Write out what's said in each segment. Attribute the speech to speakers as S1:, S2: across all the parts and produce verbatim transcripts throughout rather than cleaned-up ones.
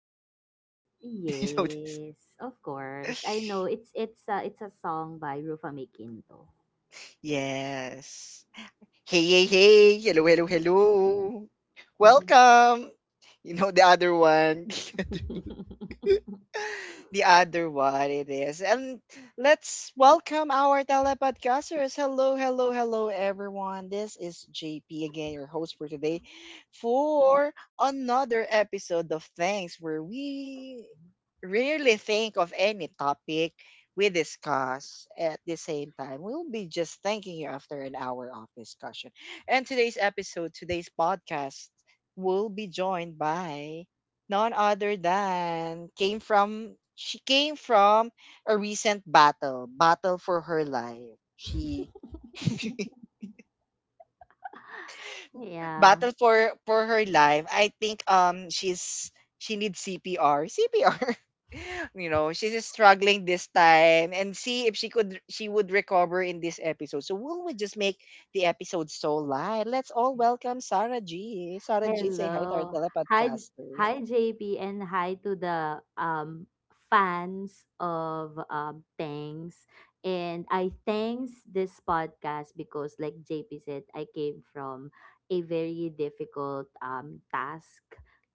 S1: Sarah? Do you know
S2: Yes, of course. I know
S1: this?
S2: it's it's a it's a song by Rufa Mae.
S1: Yes. Hey, hey, hey, hello, hello, hello.
S2: Mhm.
S1: Welcome. You know the other one. The other one it is. And let's welcome our telepodcasters. Hello, hello, hello, everyone. This is J P again, your host for today, for another episode of Thanks, where we rarely think of any topic we discuss at the same time. We'll be just thanking you after an hour of discussion. And today's episode, today's podcast, will be joined by none other than came from she came from a recent battle, battle for her life. She
S2: Yeah.
S1: battle for for her life. I think um she's she needs C P R. C P R. you know, she's just struggling this time and see if she could she would recover in this episode. So will we just make the episode so light? Let's all welcome Sarah G. Sarah G, say hi to our
S2: Hello. Hi,
S1: telepodcasters.
S2: hi J P, and hi to the um fans of um Thanks. And I thanks this podcast because like J P said, I came from a very difficult um task,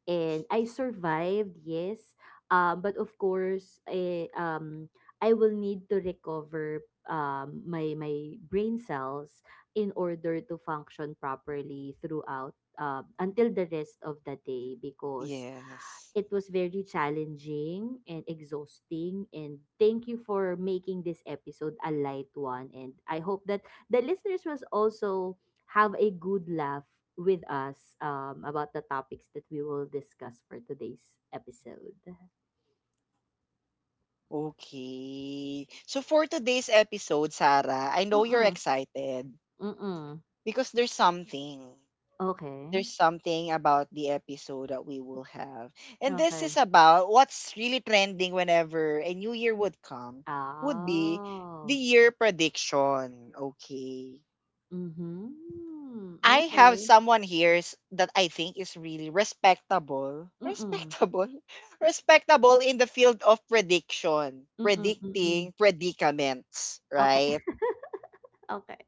S2: and I survived, yes. Um but of course, I, um I will need to recover um my my brain cells in order to function properly throughout, um, until the rest of the day because
S1: Yes.
S2: it was very challenging and exhausting, and thank you for making this episode a light one, and I hope that the listeners will also have a good laugh with us, um, about the topics that we will discuss for today's episode.
S1: Okay. So for today's episode, Sarah, I know you're
S2: Mm-mm,
S1: excited
S2: mm-mm.
S1: because there's something.
S2: Okay.
S1: There's something about the episode that we will have. And this is
S2: Okay.
S1: about what's really trending whenever a new year would come, would be the
S2: Oh.
S1: year prediction. Okay.
S2: Mm-hmm.
S1: I have
S2: Okay.
S1: someone here s- that I think is really respectable.
S2: Mm-mm,
S1: Respectable? Respectable in the field of prediction.
S2: mm-mm, mm-mm.
S1: Predicting predicaments,
S2: Okay.
S1: right?
S2: Okay.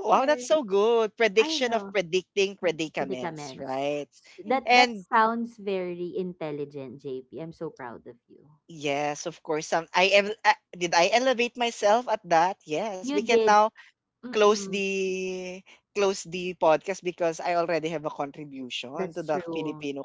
S1: Wow, that's so good.
S2: I
S1: Prediction of
S2: know.
S1: predicting predicaments,
S2: Predicaments.
S1: right?
S2: That that
S1: And
S2: sounds very intelligent, J P. I'm so proud of you.
S1: yes, of course, some I am, uh, did I elevate myself at that? Yes, we
S2: You
S1: can
S2: did.
S1: now close
S2: Mm-mm.
S1: the close the podcast because I already have a contribution to
S2: That's
S1: the
S2: true.
S1: Filipino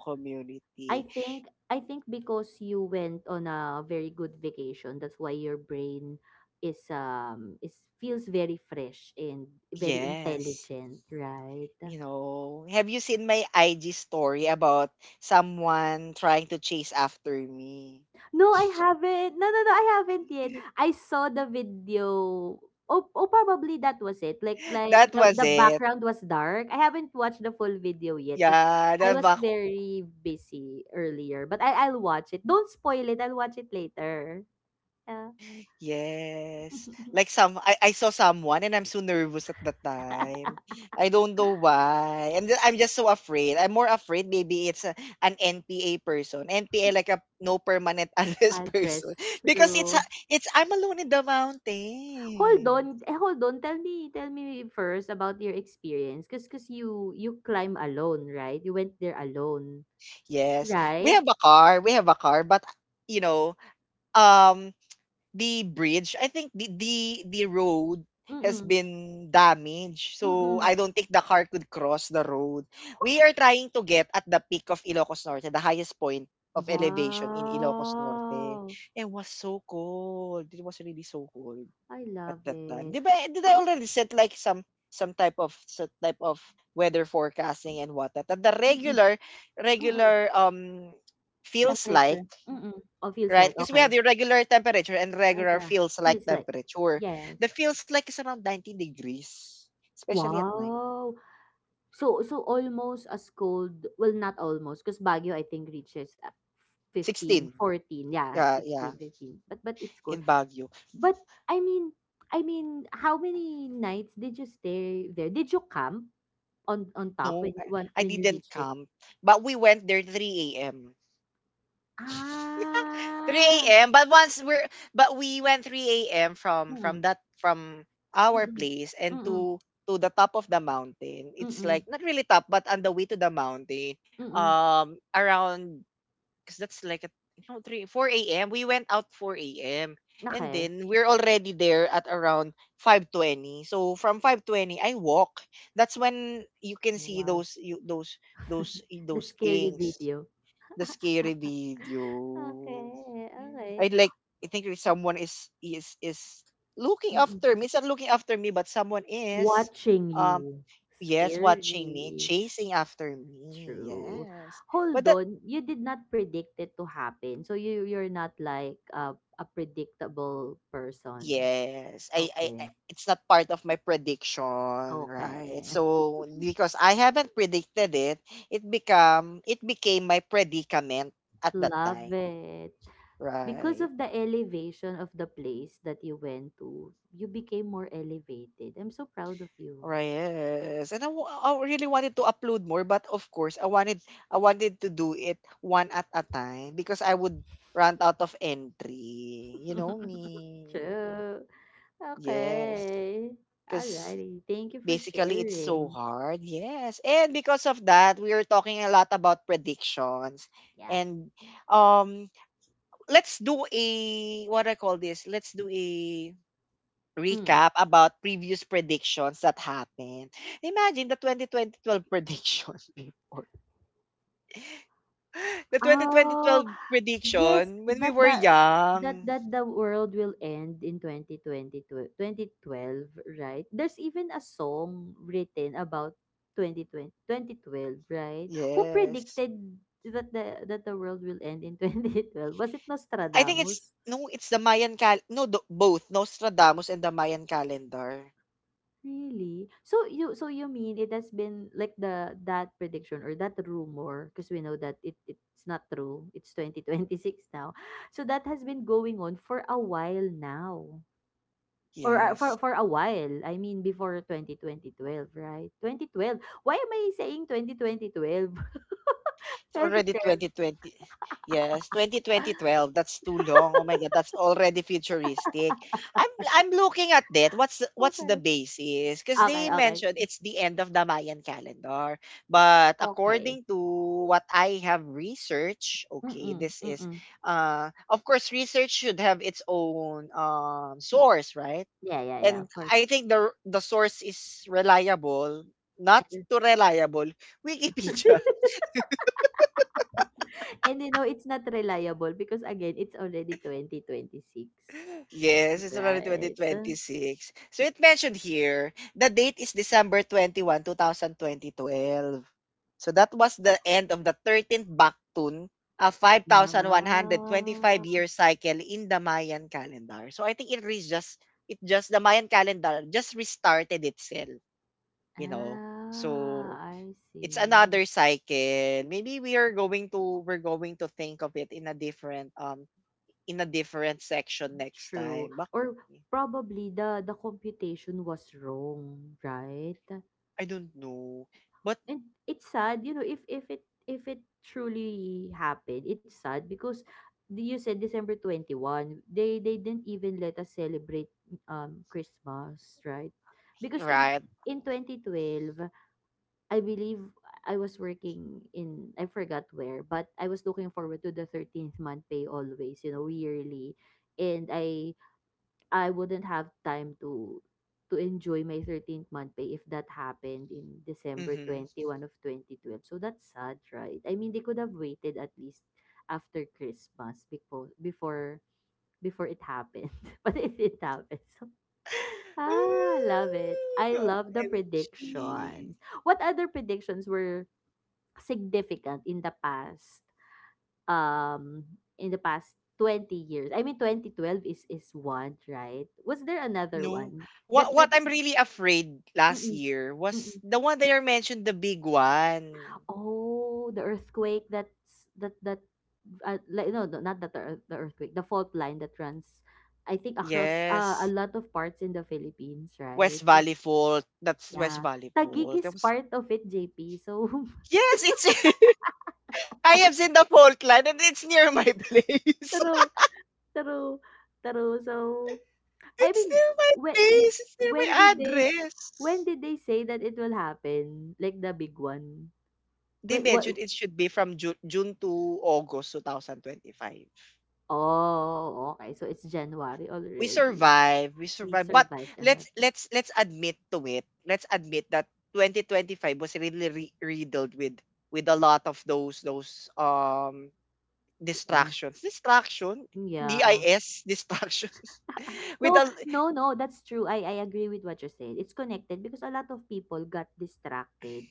S2: I
S1: community.
S2: think I think because you went on a very good vacation, that's why your brain is um is feels very fresh and very
S1: Yes.
S2: intelligent, right?
S1: You know, have you seen my I G story about someone trying to chase after me?
S2: No, I haven't. No, no, no, I haven't yet. I saw the video. Oh, oh, probably that was it. Like, like
S1: That
S2: the
S1: was
S2: the
S1: it.
S2: background was dark. I haven't watched the full video yet because
S1: Yeah,
S2: I
S1: that
S2: was
S1: back.
S2: very busy earlier. But I I'll watch it. Don't spoil it. I'll watch it later. Yeah.
S1: Yes. Like some, I, I saw someone and I'm so nervous at that time. I don't know why. I'm just, I'm just so afraid. I'm more afraid maybe it's a, an N P A person. N P A like a no permanent address
S2: Padres.
S1: person because it's
S2: True.
S1: a- it's I'm alone in the
S2: Hold
S1: mountain.
S2: on. Eh, hold on. Tell me, tell me first about your experience. Cause, cause you you climb alone, right? You went there alone,
S1: Yes. We
S2: right?
S1: have a car. We have a car, but you know, um the bridge, I think the the, the road has
S2: Mm-mm.
S1: been damaged. So
S2: Mm-mm.
S1: I don't think the car could cross the road. We are trying to get at the peak of Ilocos Norte, the highest point of elevation in Ilocos Norte.
S2: Wow!
S1: It was so cold. It was really so cold
S2: I
S1: at
S2: love
S1: that time.
S2: it.
S1: Did I, did I already set like some some type of some type of weather forecasting and whatnot? And the
S2: Mm-mm,
S1: regular
S2: mm-mm.
S1: regular um feels like,
S2: Temperature. Mm-mm. Oh, feels
S1: right,
S2: like,
S1: because we have
S2: okay.
S1: the regular temperature and
S2: Ah,
S1: regular
S2: yeah.
S1: feels like
S2: Feels like,
S1: temperature.
S2: yes.
S1: The feels like is around ninety degrees, especially at night.
S2: Wow. So so almost as cold. Well, not almost, because Baguio I think reaches, uh, fifteen,
S1: sixteen.
S2: fourteen. Yeah,
S1: Yeah, yeah,
S2: sixteen, fifteen. But but it's cold.
S1: in Baguio.
S2: But I mean, I mean, how many nights did you stay there? Did you camp on on top
S1: No,
S2: when
S1: I
S2: when
S1: I
S2: when you
S1: didn't
S2: reached it?
S1: come, but we went there three a m
S2: Ah.
S1: three a m. But once we're but we went three a m from
S2: Mm,
S1: from that from our
S2: mm,
S1: place and
S2: mm,
S1: to to the top of the mountain. It's
S2: mm,
S1: like not really top, but on the way to the mountain.
S2: mm,
S1: Um, around because that's like a, you know, three four a m. We went out four a m and
S2: okey.
S1: then we're already there at around five twenty. So from five twenty, I walk. That's when you can
S2: Oh,
S1: see
S2: wow.
S1: those you those those
S2: The
S1: those
S2: scary
S1: things,
S2: video.
S1: the scary video.
S2: Okay. Okey.
S1: I like I think there's someone is is is looking
S2: Mm.
S1: after me. It's not looking after me, but someone is,
S2: Watching
S1: um
S2: you.
S1: yes, watching me,
S2: Scary.
S1: chasing after me.
S2: True.
S1: Yes. But
S2: Hold
S1: that
S2: on, you did not predict it to happen, so you you're not like a a predictable person.
S1: yes, I, I I
S2: Okay.
S1: it's not part of my prediction, right?
S2: Okay.
S1: So because I haven't predicted it, it become it became my predicament at that time.
S2: Love it. Because
S1: Right.
S2: of the elevation of the place that you went to, you became more elevated. I'm so proud of you.
S1: Right, yes. And I, wa- I really wanted to upload more, but of course, I wanted I wanted to do it one at a time because I would run out of entry. You know me.
S2: True.
S1: Yes.
S2: Okay.
S1: Because
S2: Alrighty. Thank you for
S1: basically it's so
S2: sharing.
S1: hard. Yes. And because of that, we are talking a lot about predictions.
S2: Yeah.
S1: And um let's do a, what I call this? Let's do a
S2: Mm.
S1: recap about previous predictions that happened. Imagine the twenty twelve prediction before. The
S2: Oh,
S1: twenty twelve
S2: yes,
S1: prediction when
S2: that
S1: we were
S2: the that
S1: young.
S2: that the world will end in 2020 twenty twelve, right? There's even a song written about twenty twenty twenty twelve, right? Who
S1: Yes.
S2: predicted that the that the world will end in twenty twelve. Was it
S1: I think it's,
S2: Nostradamus?
S1: no, it's the Mayan cal- no, the, both Nostradamus and the Mayan calendar.
S2: Really? So you so you mean it has been like the that prediction or that rumor, because we know that it it's not true. It's twenty twenty-six now. So that has been going on for a while now. Or uh,
S1: Yes.
S2: for for a while. I mean before twenty twenty twelve, right? twenty twelve. Why am I saying twenty twenty 2012.
S1: It's already twenty twenty. Yes, twenty twenty, twelve. That's too long. Oh my God, that's already futuristic. I'm I'm looking at that. What's the- what's the
S2: Okay.
S1: basis? Because they
S2: Okay, okay.
S1: mentioned it's the end of the Mayan calendar. But
S2: Okay.
S1: according to what I have researched, okay,
S2: Mm-mm,
S1: this is,
S2: mm-mm.
S1: uh of course research should have its own um source, right?
S2: Yeah, yeah, yeah,
S1: And
S2: of course.
S1: I think the the source is reliable, not
S2: And-
S1: too reliable, Wikipedia.
S2: And you know, it's not reliable because again, it's already twenty twenty-six,
S1: Yes, it's already
S2: right? Ah.
S1: two thousand twenty-six. So it mentioned here, the date is December twenty-first, twenty twelve. So that was the end of the thirteenth Baktun, a five thousand one hundred twenty-five year cycle in the Mayan calendar. So I think, it is just, it just, the Mayan calendar just restarted itself, you know.
S2: Ah,
S1: So
S2: I
S1: it's
S2: see.
S1: another cycle. Maybe we are going to, we're going to think of it in a different, um in a different section next
S2: True.
S1: time. Bak-
S2: Or probably the the computation was wrong, right?
S1: I don't know. But,
S2: And it's sad, you know, if if it if it truly happened, it's sad because the- you said December twenty-first, they they didn't even let us celebrate um Christmas, right? Because in
S1: right?
S2: in twenty twelve I believe I was working in, I forgot where, but I was looking forward to the thirteenth month pay always, you know, yearly. And I I wouldn't have time to to enjoy my thirteenth month pay if that happened in December
S1: Mm-hmm.
S2: 21 of twenty twelve. So that's sad, right? I mean, they could have waited at least after Christmas before before before it happened. But it did happen. So ah, love it. I love the
S1: O M G.
S2: predictions. What other predictions were significant in the past, um in the past twenty years? I mean twenty twelve is is one, right? Was there another
S1: No.
S2: one that
S1: What what
S2: that
S1: I'm really afraid last
S2: mm-mm,
S1: year was
S2: mm-mm.
S1: the one that you mentioned, the big one.
S2: Oh, the earthquake that's that that uh, like no, no, not that the, earth- the earthquake, the fault line that runs, I think, across uh, a
S1: Yes.
S2: lot of parts in the Philippines,
S1: West
S2: right?
S1: Valley Fault. That's West
S2: Yeah,
S1: Valley
S2: Taguig
S1: Fault. That
S2: is
S1: was,
S2: part of it, J P. So
S1: yes, it's I have seen the fault line and it's near my place.
S2: true, true, true. So I
S1: It's
S2: mean,
S1: near my
S2: when
S1: place. It's near
S2: when
S1: my
S2: did they when
S1: address.
S2: did they say that it will happen? Like the big one.
S1: They
S2: When what?
S1: mentioned it should be from June, June to August twenty twenty-five.
S2: Oh, okay. So it's January
S1: We
S2: already.
S1: survive, we
S2: We
S1: survive. But
S2: survived
S1: let's
S2: another.
S1: let's let's admit to it. Let's admit that twenty twenty-five was really re- riddled with with a lot of those those um
S2: Yeah.
S1: distractions. Distraction,
S2: Yeah.
S1: DIS distractions. with
S2: No,
S1: a
S2: no, no, that's true. I, I agree with what you said. It's connected because a lot of people got distracted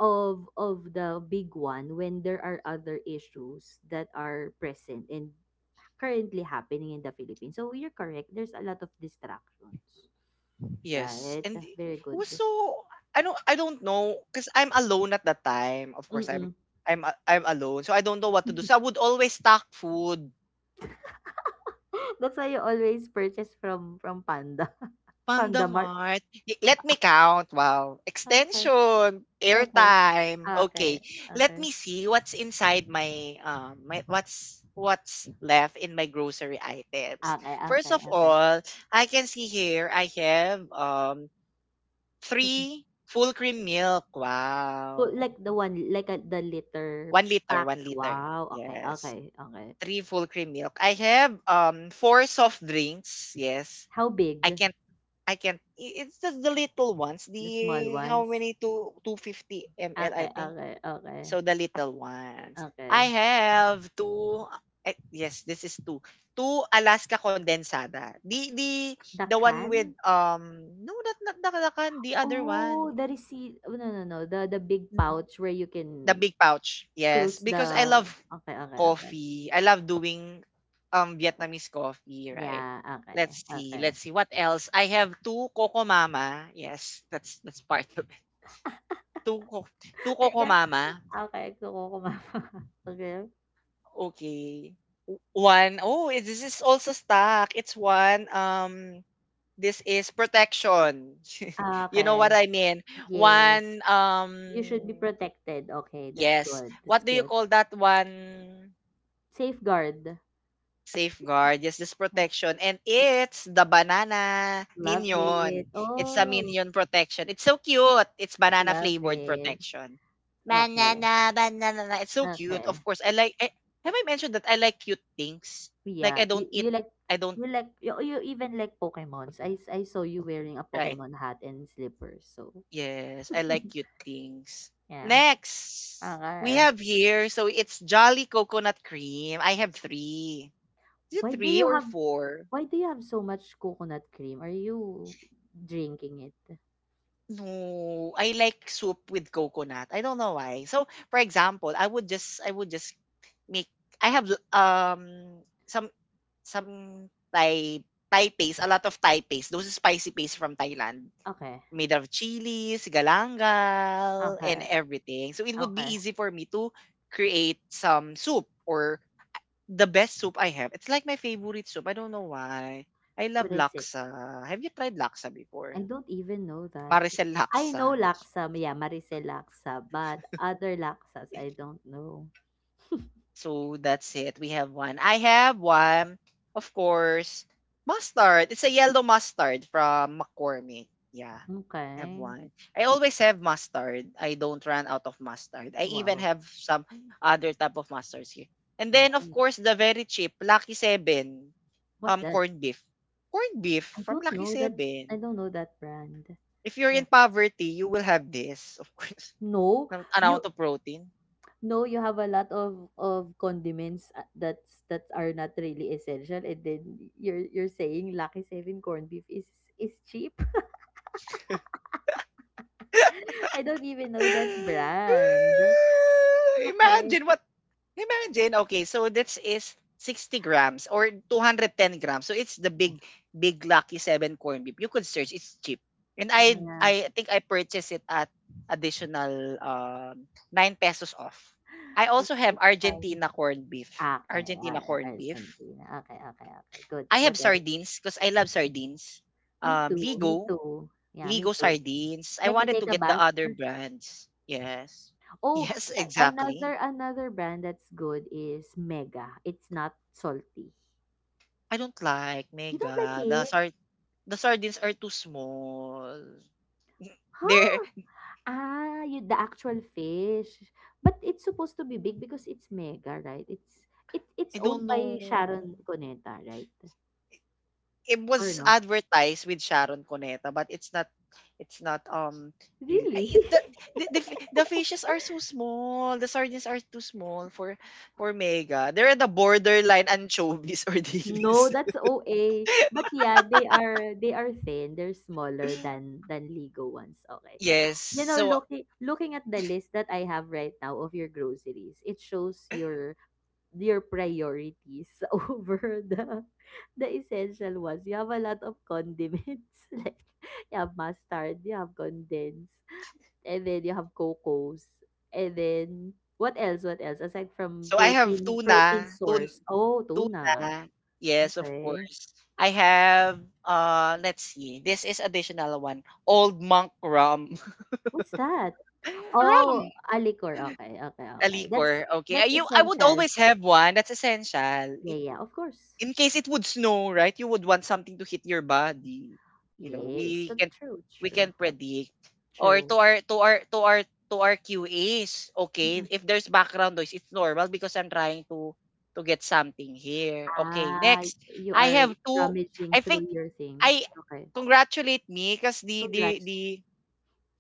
S2: of of the big one when there are other issues that are present and currently happening in the Philippines. So you're correct. There's a lot of distractions.
S1: yes,
S2: Right?
S1: and it
S2: Very good.
S1: was so, I don't I don't know because I'm alone at that time. Of course, I'm
S2: Mm-mm.
S1: I'm a- I'm alone, so I don't know what to do. So I would always stock food.
S2: That's why you always purchase from from Panda.
S1: Panda
S2: Panda Mart.
S1: Mart. Y- Let me count. Wow.
S2: Okay.
S1: Extension,
S2: Okay.
S1: airtime. Okay.
S2: Okay.
S1: Let
S2: Okay.
S1: me see what's inside my um my, what's what's left in my grocery items.
S2: Okay.
S1: First of
S2: Okay.
S1: all, I can see here I have um
S2: Okay.
S1: three full cream milk.
S2: Fu
S1: Wow.
S2: Like the one, like a the litter
S1: One liter,
S2: pack?
S1: one liter.
S2: Wow, okay,
S1: Yes.
S2: okay, okay.
S1: Three full cream milk. I have um four soft drinks. Yes.
S2: How
S1: I
S2: big?
S1: can I can't I- it's just the little ones.
S2: The small
S1: The how
S2: ones?
S1: many, two 250 ml I
S2: Okay,
S1: think.
S2: okay, okay,
S1: So the little ones. I
S2: okay.
S1: have two, eh, yes, this is two. Two Alaska condensada. The the
S2: The
S1: the one with,
S2: can?
S1: um no, not not Nakalakan, the other
S2: Oh,
S1: one.
S2: the receipt. Oh, no, no, no. The the big pouch where you
S1: The
S2: can
S1: big pouch. Yes,
S2: close
S1: because I
S2: the.
S1: love
S2: Okay, okay, okay.
S1: coffee. I love doing um Vietnamese coffee, right?
S2: Yeah, okay,
S1: Let's see. Let's
S2: okay.
S1: see what else. I have two Coco Mama. Yes, that's that's part of two ko two
S2: I
S1: Coco
S2: guess,
S1: Mama?
S2: okay, gusto ko kumama. Okay.
S1: Okay. O one, oh, eh, this is also stuck. It's one, um, this is protection. You know
S2: Okay.
S1: what I mean?
S2: Yes.
S1: one,
S2: You should be
S1: um
S2: protected. Okay, that's
S1: yes.
S2: good. That's
S1: What do you
S2: good.
S1: call that one?
S2: Safeguard.
S1: Safeguard, yes, this protection. And it's the banana
S2: Love it.
S1: minion. It's a
S2: Oh,
S1: minion protection. It's so cute. It's banana
S2: love
S1: flavored
S2: it.
S1: protection.
S2: Okay,
S1: Banana, banana. It's so cute. Of
S2: okay.
S1: course, I like. I, have I mentioned that I like cute things? Like
S2: Yeah,
S1: I
S2: you
S1: don't eat.
S2: you like
S1: I don't.
S2: you like you, you even like Pokemons. I s- I saw you wearing a
S1: Right.
S2: Pokemon hat and slippers. So
S1: Yes, I like cute things.
S2: yeah.
S1: Next, we
S2: Okay.
S1: have here. So it's Jolly Coconut Cream. I have three. Is it
S2: Why do
S1: three
S2: you
S1: or
S2: have
S1: four?
S2: why do you have so much coconut cream? Are you drinking it?
S1: No, I like soup with coconut. I don't know why. So, for example, I would just I would just make I have l- um some some Thai Thai paste, a lot of Thai paste, those spicy paste from Thailand,
S2: Okay.
S1: made of chilies, galangal, and
S2: Okay.
S1: everything. So it would be
S2: Okay.
S1: easy for me to create some soup or the best soup I have. It's like my favorite soup. I don't know why. I
S2: What
S1: love
S2: is it?
S1: laksa. Have you tried laksa
S2: I
S1: before?
S2: don't even know that.
S1: Maricel
S2: I
S1: laksa.
S2: know laksa, yeah, Maricel laksa, but other laksas I don't know.
S1: So that's it. We have one. I have one, of course, mustard. It's a yellow mustard from McCormick. Yeah, I have
S2: Okay.
S1: one. I always have mustard. I don't run out of mustard. I even
S2: Wow.
S1: have some other type of mustards here. And then, of
S2: Nice.
S1: course, the very cheap Lucky Seven
S2: What's
S1: um
S2: that?
S1: corned beef. Corned beef
S2: I
S1: from
S2: don't
S1: Lucky
S2: know that. I
S1: Seven.
S2: don't know that brand.
S1: If you're
S2: Yeah.
S1: in poverty, you will have this, of course.
S2: No,
S1: An
S2: you
S1: amount of protein.
S2: no, you have a lot of of condiments, uh, that's that are not really essential, and then you're you're saying Lucky Seven corned beef is is cheap. I don't even know that brand. Okay.
S1: Imagine what imagine, okay, so this is sixty grams or two hundred ten grams. So it's the big, big Lucky seven corned beef. You could search, it's cheap. And I
S2: Yeah.
S1: I think I purchased it at additional, um, nine pesos off. I also
S2: It's
S1: have
S2: it's fine.
S1: Argentina corned beef.
S2: Okay, all
S1: Argentina
S2: right,
S1: corned beef.
S2: Argentina. Okay, okay, okay. Good.
S1: I
S2: What
S1: have
S2: else?
S1: sardines because I love sardines.
S2: Me
S1: Um,
S2: too. Me
S1: Ligo.
S2: too. Yeah, me
S1: Ligo
S2: too.
S1: sardines. I
S2: Like you
S1: wanted to
S2: take a
S1: get the
S2: bath.
S1: other brands. Yes.
S2: Oh,
S1: Yes,
S2: a-
S1: exactly.
S2: another another brand that's good is Mega. It's not salty.
S1: I don't like
S2: You don't like
S1: mega. The
S2: it?
S1: sard the sardines are too small. They're
S2: Huh? Ah, you, the actual fish. But it's supposed to be big because it's Mega, right? It's it it's
S1: I don't
S2: owned by
S1: know.
S2: Sharon Cuneta, right?
S1: It
S2: Or
S1: was
S2: no?
S1: advertised with Sharon Cuneta, but it's not it's not um really I-
S2: Really?
S1: it, the, the, the fi- the fishes are so small. The sardines are too small for for mega. They're at the borderline anchovies or
S2: No,
S1: delis.
S2: that's O A. But yeah, they are they are thin. They're smaller than than Ligo ones. Okay.
S1: Yes.
S2: You know,
S1: So
S2: looking looking at the list that I have right now of your groceries, it shows your your priorities over the the essential ones. You have a lot of condiments, like you have mustard, you have condensed, and then you have cocos, and then what else? What else aside from
S1: So I have
S2: protein protein
S1: tuna, tun
S2: source? Oh, tuna.
S1: tuna. Yes, of
S2: Okay,
S1: course. I have uh let's see. This is additional one. Old monk rum.
S2: what's that? Oh,
S1: Rum,
S2: a liquor. Okay, okay,
S1: a
S2: okay. That's
S1: liquor. Okay. I,
S2: that's
S1: you I would
S2: essential.
S1: always have one. That's essential.
S2: Yeah, yeah, of course.
S1: In case it would snow, right? You would want something to hit your body. You know,
S2: Yes,
S1: we
S2: that's
S1: can
S2: true,
S1: we
S2: true,
S1: can predict or
S2: true.
S1: to our to our to our to our Q As. Okay,
S2: Mm-mm.
S1: if there's background noise, it's normal because I'm trying to to get something here. Okay,
S2: Ah,
S1: next
S2: you
S1: I
S2: are
S1: have two.
S2: rummaging
S1: I think
S2: through your
S1: I
S2: things. Okay.
S1: congratulate me because the the
S2: Congrats.
S1: the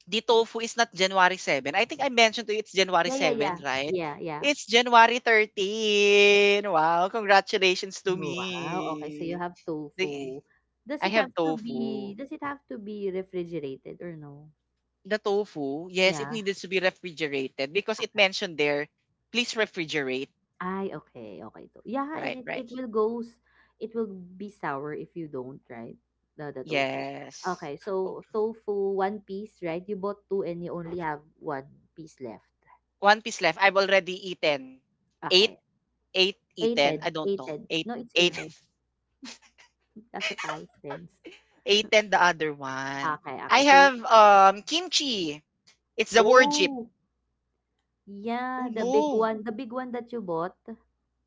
S1: the tofu is not January seventh. I think I mentioned to you it's January
S2: Yeah, yeah, yeah.
S1: 7, right?
S2: Yeah, yeah.
S1: It's January thirteenth. Wow, congratulations to
S2: Wow. Okay, so you
S1: me.
S2: have
S1: The-
S2: tofu. Does
S1: I
S2: it
S1: have
S2: have to be
S1: tofu.
S2: does it have to be refrigerated or no?
S1: The tofu, yes, it
S2: Yeah.
S1: needed to be refrigerated because it mentioned there, please refrigerate.
S2: I, okay, okay. To- yeah, and
S1: Right,
S2: it, it
S1: right.
S2: will goes it will be sour if you don't, right? The the tofu.
S1: Yes.
S2: Okay,
S1: O-
S2: so tofu one piece, right? You bought two and you only have one piece left.
S1: One piece left. I've already eaten. Eight,
S2: Okay,
S1: eight eaten.
S2: eighted,
S1: I don't know.
S2: eighted.
S1: Eight,
S2: No, it's
S1: eight,
S2: eighted. That's a past tense.
S1: eight and the other one.
S2: Okay,
S1: I
S2: okay, two,
S1: have
S2: one.
S1: um kimchi. It's the war jeep.
S2: Oh,
S1: Oh
S2: yeah, the big
S1: no.
S2: one, the big one that you bought.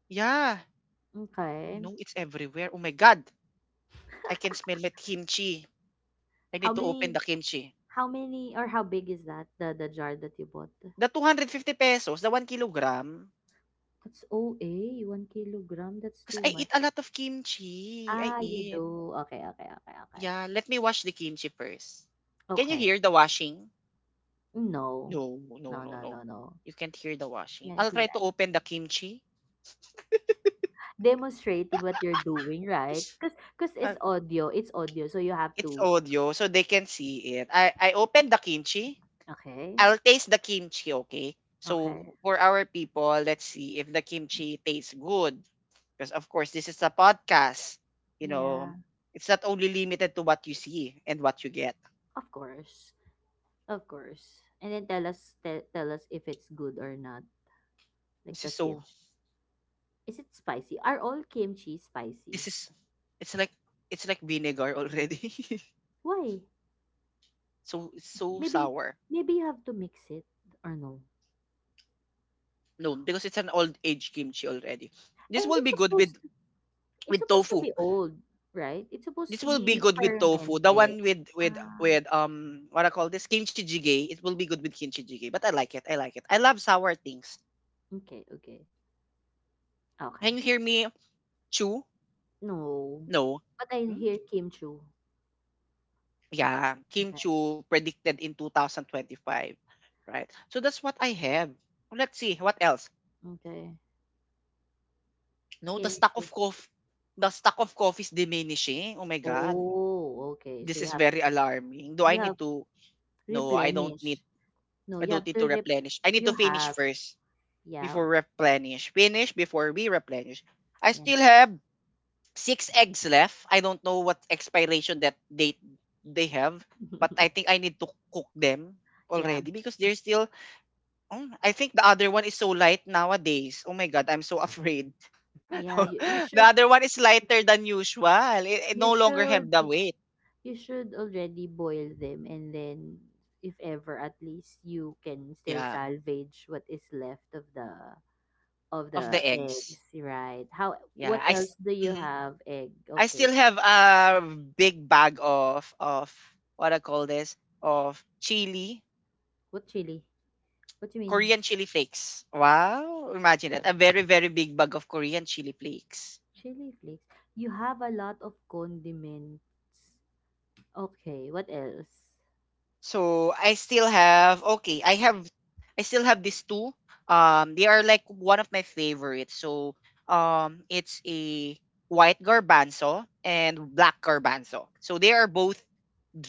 S1: Yeah. Oh
S2: Okay.
S1: no, it's everywhere. Oh my God. I can smell my kimchi. I
S2: How
S1: need to open
S2: many
S1: the kimchi.
S2: how many or how big is that? The the jar that you bought?
S1: The two hundred fifty pesos, the one kilogram,
S2: That's O a one kilogram. That's
S1: because
S2: too
S1: I
S2: much.
S1: eat a lot of kimchi. I
S2: Ah, you
S1: eat.
S2: do. Okay, okay, okay, okay.
S1: Yeah, let me wash the kimchi first. Can you
S2: Okay.
S1: hear the washing?
S2: No.
S1: No, no,
S2: No,
S1: no,
S2: no,
S1: no.
S2: no, no.
S1: You can't hear the washing.
S2: Not
S1: I'll try
S2: here.
S1: to open the kimchi.
S2: Demonstrating what you're doing, right? Because cause 'cause
S1: Uh,
S2: it's audio. It's audio, so you have
S1: it's
S2: to.
S1: audio, so they can see it. I, I opened the kimchi.
S2: Okay.
S1: I'll taste the kimchi, okay? So
S2: Okay.
S1: for our people, let's see if the kimchi tastes good. Because of course, this is a podcast. You know,
S2: Yeah.
S1: it's not only limited to what you see and what you get.
S2: Of course. Of course. And then tell us te- tell us if it's good or not. Like
S1: This
S2: the
S1: is so
S2: kimchi. Is it spicy? Are all kimchi spicy?
S1: this is It's like it's like vinegar already.
S2: Why?
S1: So it's so
S2: Maybe
S1: sour.
S2: maybe you have to mix it, or no.
S1: No, because it's an old age kimchi already.
S2: And
S1: This will
S2: it's
S1: be good
S2: supposed
S1: with
S2: to, it's
S1: with
S2: supposed to
S1: tofu.
S2: be old, right? It's supposed
S1: This
S2: to
S1: will be
S2: be
S1: good with tofu. The
S2: fermented.
S1: one with with
S2: Ah,
S1: with um what I call this kimchi jjigae. It will be good with kimchi jjigae. But I like it. I like it. I love sour things.
S2: okay, okay. Okay.
S1: Can you hear me? Chew?
S2: No.
S1: No.
S2: But I
S1: Hmm?
S2: hear kimchi.
S1: Yeah, Kim
S2: Okay.
S1: Chu predicted in twenty twenty-five, right? So that's what I have. Let's see what else.
S2: Okay.
S1: No, the stock
S2: Kimchi.
S1: of coffee, the stock of coffee is diminishing. Oh my God,
S2: Oh, okay. So
S1: this
S2: you
S1: is
S2: have
S1: very alarming. Do I
S2: you have
S1: need to? No, I don't need.
S2: replenish. No,
S1: I
S2: you
S1: don't
S2: have
S1: need to
S2: to rep-
S1: replenish. I need
S2: you
S1: to finish
S2: have,
S1: first.
S2: yeah,
S1: Before replenish. Finish before we replenish. I
S2: yeah.
S1: still have six eggs left. I don't know what expiration that date they have, but I think I need to cook them
S2: Yeah,
S1: already because they're still. Oh, I think the other one is so light nowadays. Oh my god, I'm so afraid.
S2: yeah, you, you should
S1: The other one is lighter than usual. It, it
S2: you
S1: no longer have
S2: should
S1: the weight.
S2: you should already boil them, and then if ever at least you can still
S1: Yeah,
S2: salvage what is left of the of
S1: of
S2: the
S1: the eggs.
S2: eggs, right? How,
S1: Yeah,
S2: what
S1: I. s-
S2: else do you
S1: mhm.
S2: have? Egg,
S1: I
S2: okay.
S1: still have a big bag of of what I call this of chili,
S2: what chili what do you mean?
S1: Korean chili flakes. Wow, imagine that. A very, very big bag of Korean chili flakes.
S2: Chili flakes. You have a lot of condiments. Okay, what else?
S1: So I still have okay, I have I still have these two. Um they are like one of my favorites. So um it's a white garbanzo and black garbanzo. So they are both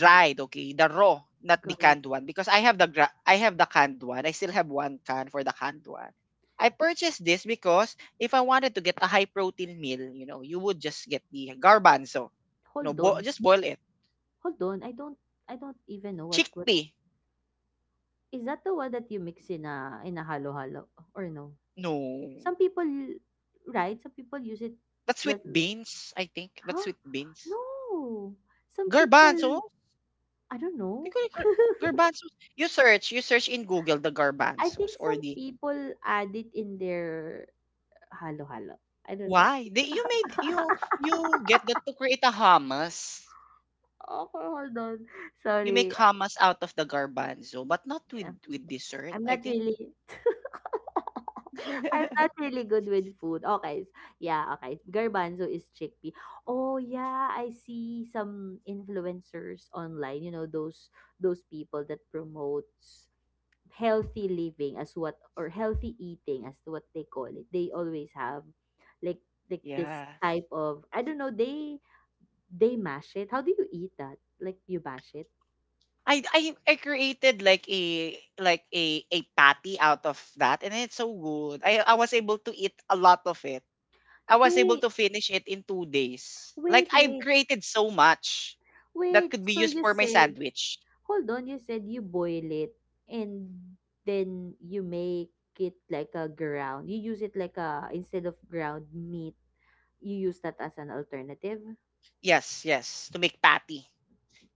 S2: Gar-
S1: okay? The raw, not the
S2: Garlic.
S1: canned one because I have the gra- I have the canned one. I still have one can for the canned one. I purchased this because if I wanted to get a high protein meal, you know, you would just get the garbanzo. No,
S2: Hold
S1: bo-
S2: on.
S1: just boil it.
S2: Hold on. I don't I don't even know what what
S1: Chickpea.
S2: Is that the one that you mix in a in a halo-halo or no?
S1: No.
S2: Some people, right? Some people use it,
S1: That's sweet
S2: like,
S1: beans, I think. That's
S2: huh?
S1: sweet beans.
S2: No. Some people,
S1: Garbanzos.
S2: I don't
S1: They
S2: know.
S1: call it gar- garbanzos. You search, you search in Google the
S2: I
S1: garbanzos
S2: think
S1: or
S2: some
S1: the
S2: people add it in their halo-halo. I don't know.
S1: why? They you made you you get that to create a hummus.
S2: Okay, hold on.
S1: You make
S2: Sorry.
S1: hummus out of the garbanzo, but not with
S2: Yeah.
S1: with dessert.
S2: I'm
S1: I
S2: not
S1: think
S2: really I'm not really good with food. Okay. s- Yeah, okay. Garbanzo is chickpea. Oh yeah, I see some influencers online, you know, those those people that promotes healthy living as what, or healthy eating as to what they call it. They always have like like this
S1: yeah.
S2: type of, I don't know, they they mash it. How do you eat that? Like, you mash it?
S1: I, I I created like a like a a patty out of that and it's so good. I I was able to eat a lot of it. I was able
S2: Wait,
S1: to finish it in two days. Like
S2: wait,
S1: I've
S2: wait.
S1: created so much that
S2: Wait,
S1: could be
S2: so
S1: used
S2: you
S1: for my
S2: said,
S1: sandwich.
S2: hold on, you said you boil it and then you make it like a ground. You use it like a, instead of ground meat, you use that as an alternative?
S1: Yes, yes, to make patty.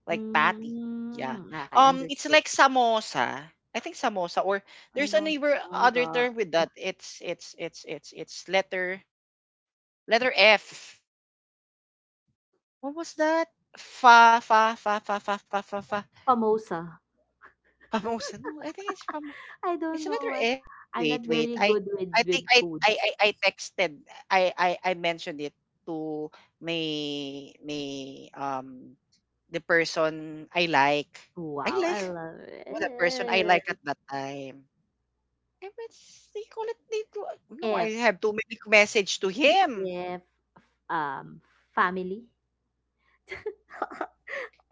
S1: Like patty. Yeah.
S2: Mm, ah, okay,
S1: Um it's
S2: understood.
S1: like samosa. I think samosa or
S2: I
S1: there's
S2: don't
S1: another
S2: know
S1: other
S2: the
S1: term with that. It's it's it's it's it's letter letter F. What was
S2: s-
S1: that?
S2: s-
S1: Fa fa fa fa fa fa fa fa.
S2: samosa.
S1: Famosa. No, I think it's fam
S2: I
S1: it's
S2: don't
S1: another
S2: know. I-
S1: F.
S2: I'm not
S1: Wait, wait.
S2: very
S1: I
S2: good with
S1: I think
S2: with
S1: I I
S2: foods.
S1: I, I texted. I, I I mentioned it to my my um the person I like. I
S2: Wow, I
S1: like
S2: love
S1: what The person I like
S2: it.
S1: at that time. I was they call it they call- No,
S2: F,
S1: I have to make message to him.
S2: F, um family.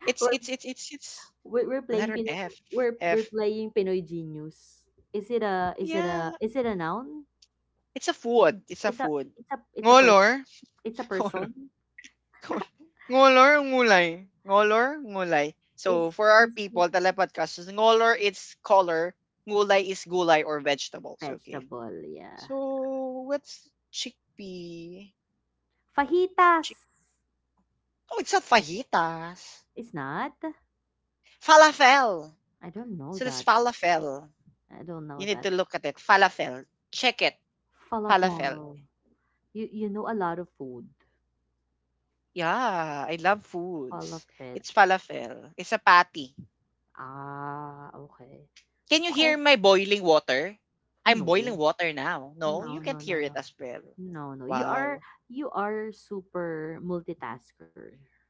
S1: It's
S2: We're
S1: it's it's it's it's
S2: We're, we're playing
S1: letter
S2: Pinoy,
S1: F
S2: we're we're
S1: F.
S2: playing Pinoy Genius. Is it a, is it
S1: Yeah,
S2: a, is it a noun?
S1: it's a food. It's a
S2: It's a,
S1: food.
S2: it's a, it's a per,
S1: Ngolor?
S2: it's a person.
S1: Ngolor ngulay? Ngolor, ngulay. So
S2: Is
S1: for our
S2: is it
S1: people, telepodcasters, ngolor is color, ngulay is gulay or vegetables. Okay.
S2: vegetable? Yeah.
S1: So what's chickpea?
S2: Fajitas.
S1: Chick- oh, it's not fajitas.
S2: It's not.
S1: Falafel.
S2: I don't know
S1: So that's
S2: that.
S1: falafel.
S2: I don't
S1: You
S2: know
S1: need
S2: that.
S1: to look at it. Falafel. Check it. Falafel.
S2: Falafel. You you know a lot of food.
S1: Yeah, I love foods.
S2: Falafel.
S1: It's falafel. It's a patty.
S2: Ah, okay.
S1: Can you hear
S2: Okay.
S1: my boiling water? I'm boiling
S2: No.
S1: water now. No, you
S2: No,
S1: can't
S2: no, no,
S1: hear it
S2: no.
S1: as well.
S2: No, no. You are,
S1: Wow.
S2: you are super multitasker,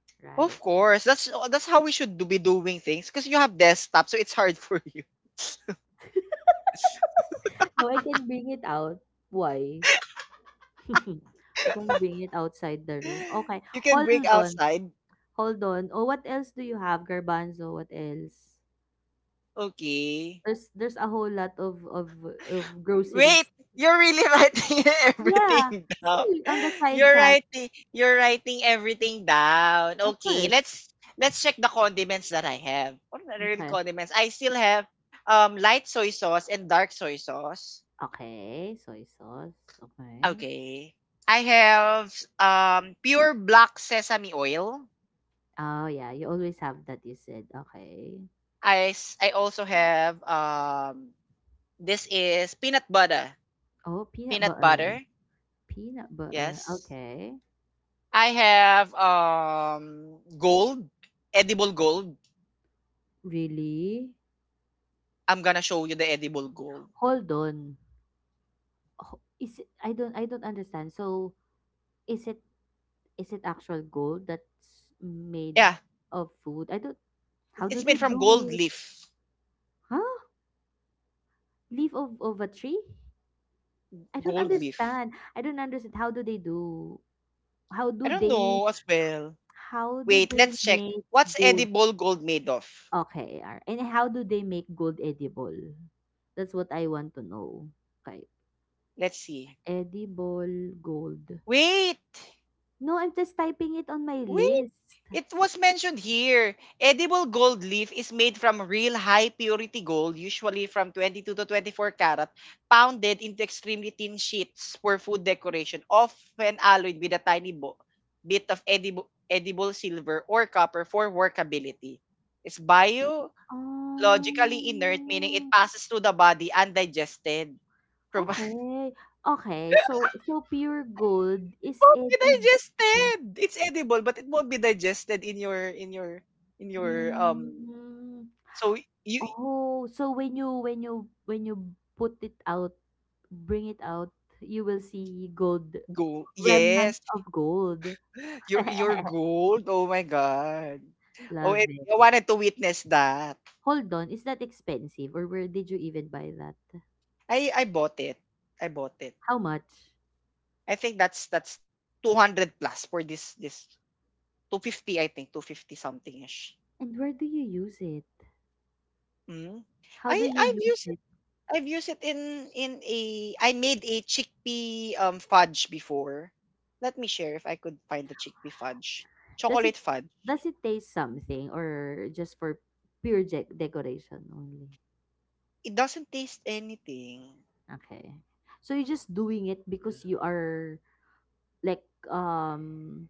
S2: right?
S1: Of course. That's that's how we should do, be doing things because you have desktop, so it's hard for you.
S2: No, I can bring it out. Why? I can bring it outside the room. Okay.
S1: You can
S2: Hold
S1: break
S2: on.
S1: outside.
S2: Hold on. Oh, what else do you have, Garbanzo? What else?
S1: Okay.
S2: There's there's a whole lot of of of
S1: Wait,
S2: groceries.
S1: you're really writing everything
S2: Yeah.
S1: down.
S2: See on the side
S1: You're
S2: chat.
S1: writing you're writing everything down.
S2: Of
S1: Okay,
S2: course.
S1: let's let's check the condiments that I have. What are the real
S2: Okay.
S1: condiments? I still have um light soy sauce and dark soy sauce.
S2: Okay. Soy sauce. Okay.
S1: Okay. I have um pure black sesame oil.
S2: Oh yeah, you always have that, you said. Okay.
S1: I s- I also have um this is peanut butter.
S2: Oh, peanut
S1: Peanut
S2: butter.
S1: butter.
S2: Peanut butter,
S1: Yes.
S2: okay.
S1: I have um gold, edible gold.
S2: Really?
S1: I'm gonna show you the edible gold.
S2: Hold on. Ho- Is it, I don't I don't understand. So is it, is it actual gold that's made
S1: Yeah,
S2: of food? I don't,
S1: it-
S2: how do
S1: it's
S2: they
S1: made from
S2: do
S1: gold
S2: it?
S1: leaf.
S2: Huh? Leaf of, of a tree? I don't
S1: Gold leaf.
S2: understand. I don't understand. How do they do, how
S1: I
S2: do
S1: don't
S2: they,
S1: know as well.
S2: how do
S1: Wait,
S2: they
S1: let's check.
S2: make
S1: What's
S2: gold?
S1: edible gold made of?
S2: Okay, ar- and how do they make gold edible? That's what I want to know. Okay.
S1: Let's see.
S2: Edible gold.
S1: Wait.
S2: No, I'm just typing it on my list.
S1: It was mentioned here. Edible gold leaf is made from real high purity gold, usually from twenty-two to twenty-four carat, pounded into extremely thin sheets for food decoration, often alloyed with a tiny bo- bit of edible, edible silver or copper for workability. It's biologically inert, meaning it
S2: Oh,
S1: passes through the body undigested. Provi-
S2: okay. Okay, so so pure gold is
S1: won't be
S2: edible.
S1: digested. It's edible, but it won't be digested in your in your in your um
S2: Mm.
S1: so you
S2: Oh, so when you, when you, when you put it out, bring it out, you will see gold,
S1: go
S2: remnants
S1: yes,
S2: of gold.
S1: you're you're gold. Oh my god. Oh, and
S2: Love it.
S1: I wanted to witness that.
S2: Hold on, is that expensive or where did you even buy that?
S1: I I bought it. I bought it.
S2: How much?
S1: I think that's that's two hundred plus for this this two fifty, I think two fifty something ish.
S2: And where do you use it?
S1: Mm.
S2: How do
S1: I
S2: you
S1: I've
S2: use
S1: used it.
S2: it?
S1: I've used it in in a I made a chickpea um fudge before. Let me share if I could find the chickpea fudge.
S2: Does it
S1: Chocolate fudge.
S2: does it taste something or just for pure de- decoration only?
S1: It doesn't taste anything.
S2: Okay. So you're just doing it because you are, like um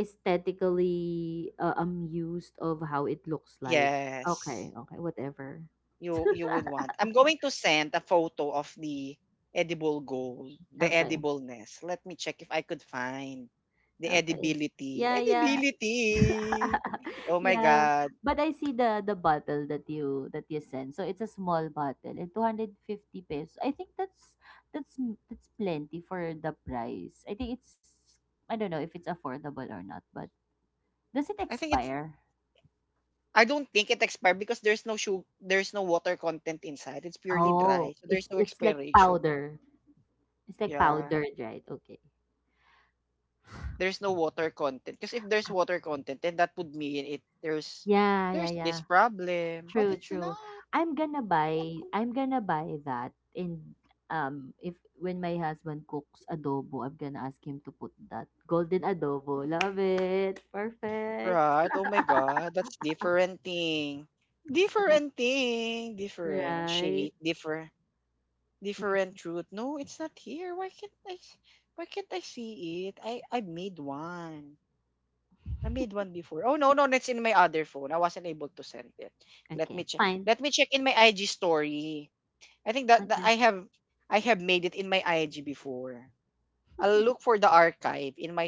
S2: aesthetically, uh, amused of how it looks like. Okay,
S1: Yes.
S2: okay, whatever.
S1: you you would want. I'm going to send a photo of the edible gold, the
S2: Okay,
S1: edibleness. Let me check if I could find the
S2: okay.
S1: edibility.
S2: Yeah, yeah.
S1: Edibility. Oh my
S2: Yeah,
S1: god.
S2: but I see the the bottle that you that you sent. So it's a small bottle and two hundred fifty pesos. I think that's that's m- that's plenty for the price. I think it's, I don't know if it's affordable or not, but does it
S1: I think it's
S2: expire?
S1: I don't think it expired because there's no sugar, there's no water content inside. It's purely dry.
S2: Oh,
S1: So there's
S2: it's
S1: no
S2: it's like
S1: expiration.
S2: powder. It's like
S1: Yeah.
S2: powdered, right? Okay.
S1: There's no water content. Because if there's water content, then that would mean it there's
S2: Yeah, yeah,
S1: there's this
S2: yeah.
S1: problem. But
S2: True,
S1: it's
S2: true.
S1: not.
S2: I'm gonna
S1: But I'm
S2: buy I'm gonna buy that and um if, when my husband cooks adobo, I'm gonna ask him to put that. Golden adobo. Love it. Perfect.
S1: right. Oh my God, that's different thing.
S2: See.
S1: Different thing. Different
S2: Right.
S1: shade. Different different truth. No, it's not here. Why can't I s- why can't I see it? I I made one. I made one before. Oh no, no, that's in my other phone. I wasn't able to send it. Let
S2: Okay.
S1: me check.
S2: Fine.
S1: Let me check in my I G story. I think that, that
S2: Okay.
S1: I have I have made it in my I G before. I'll look for the archive in my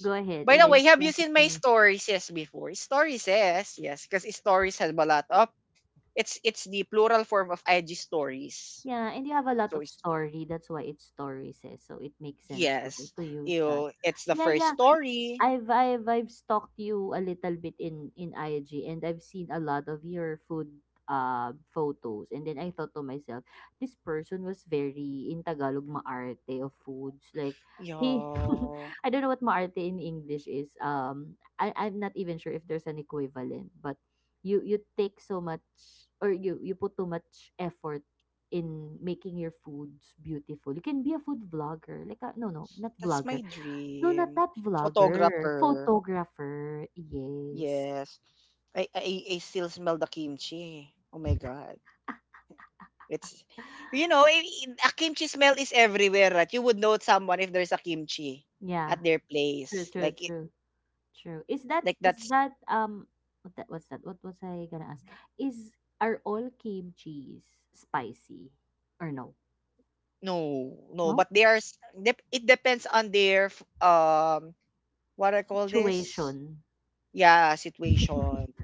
S2: Go ahead
S1: By
S2: and
S1: the
S2: then
S1: way, have you
S2: send it
S1: seen
S2: to
S1: my
S2: me.
S1: stories yes before? Stories yes, yes, because stories has a lot of it's it's the plural form of I G stories.
S2: Yeah, and you have a lot
S1: So
S2: of
S1: it's
S2: story. That's why it's stories, says. So it makes sense to
S1: yes,
S2: to use that.
S1: you it's the
S2: Yeah,
S1: first
S2: yeah.
S1: story.
S2: I've I've I've stalked you a little bit in in I G and I've seen a lot of your food uh photos, and then I thought to myself, this person was very, in Tagalog, maarte of foods, like he
S1: Yo,
S2: I don't know what maarte in English is, um I I'm not even sure if there's an equivalent, but you you take so much, or you you put too much effort in making your foods beautiful. You can be a food vlogger, like a, no no not
S1: that's
S2: vlogger.
S1: my
S2: No, not
S1: dream.
S2: that vlogger.
S1: Photographer.
S2: Photographer. Yes.
S1: Yes, I I, I still smell the kimchi. Oh my god. It's you know, i- i- a kimchi smell is everywhere, right? You would know someone if there's a kimchi
S2: Yeah.
S1: at their
S2: True,
S1: place.
S2: true,
S1: Like it
S2: true. True. Is that,
S1: like
S2: is
S1: that's
S2: that um what that, what's that? What was I gonna ask? Is, are all kimchi's spicy or no?
S1: no, no,
S2: No?
S1: but they are s- dep- it depends on their f- um what I call this?
S2: Situation.
S1: Yeah, situation.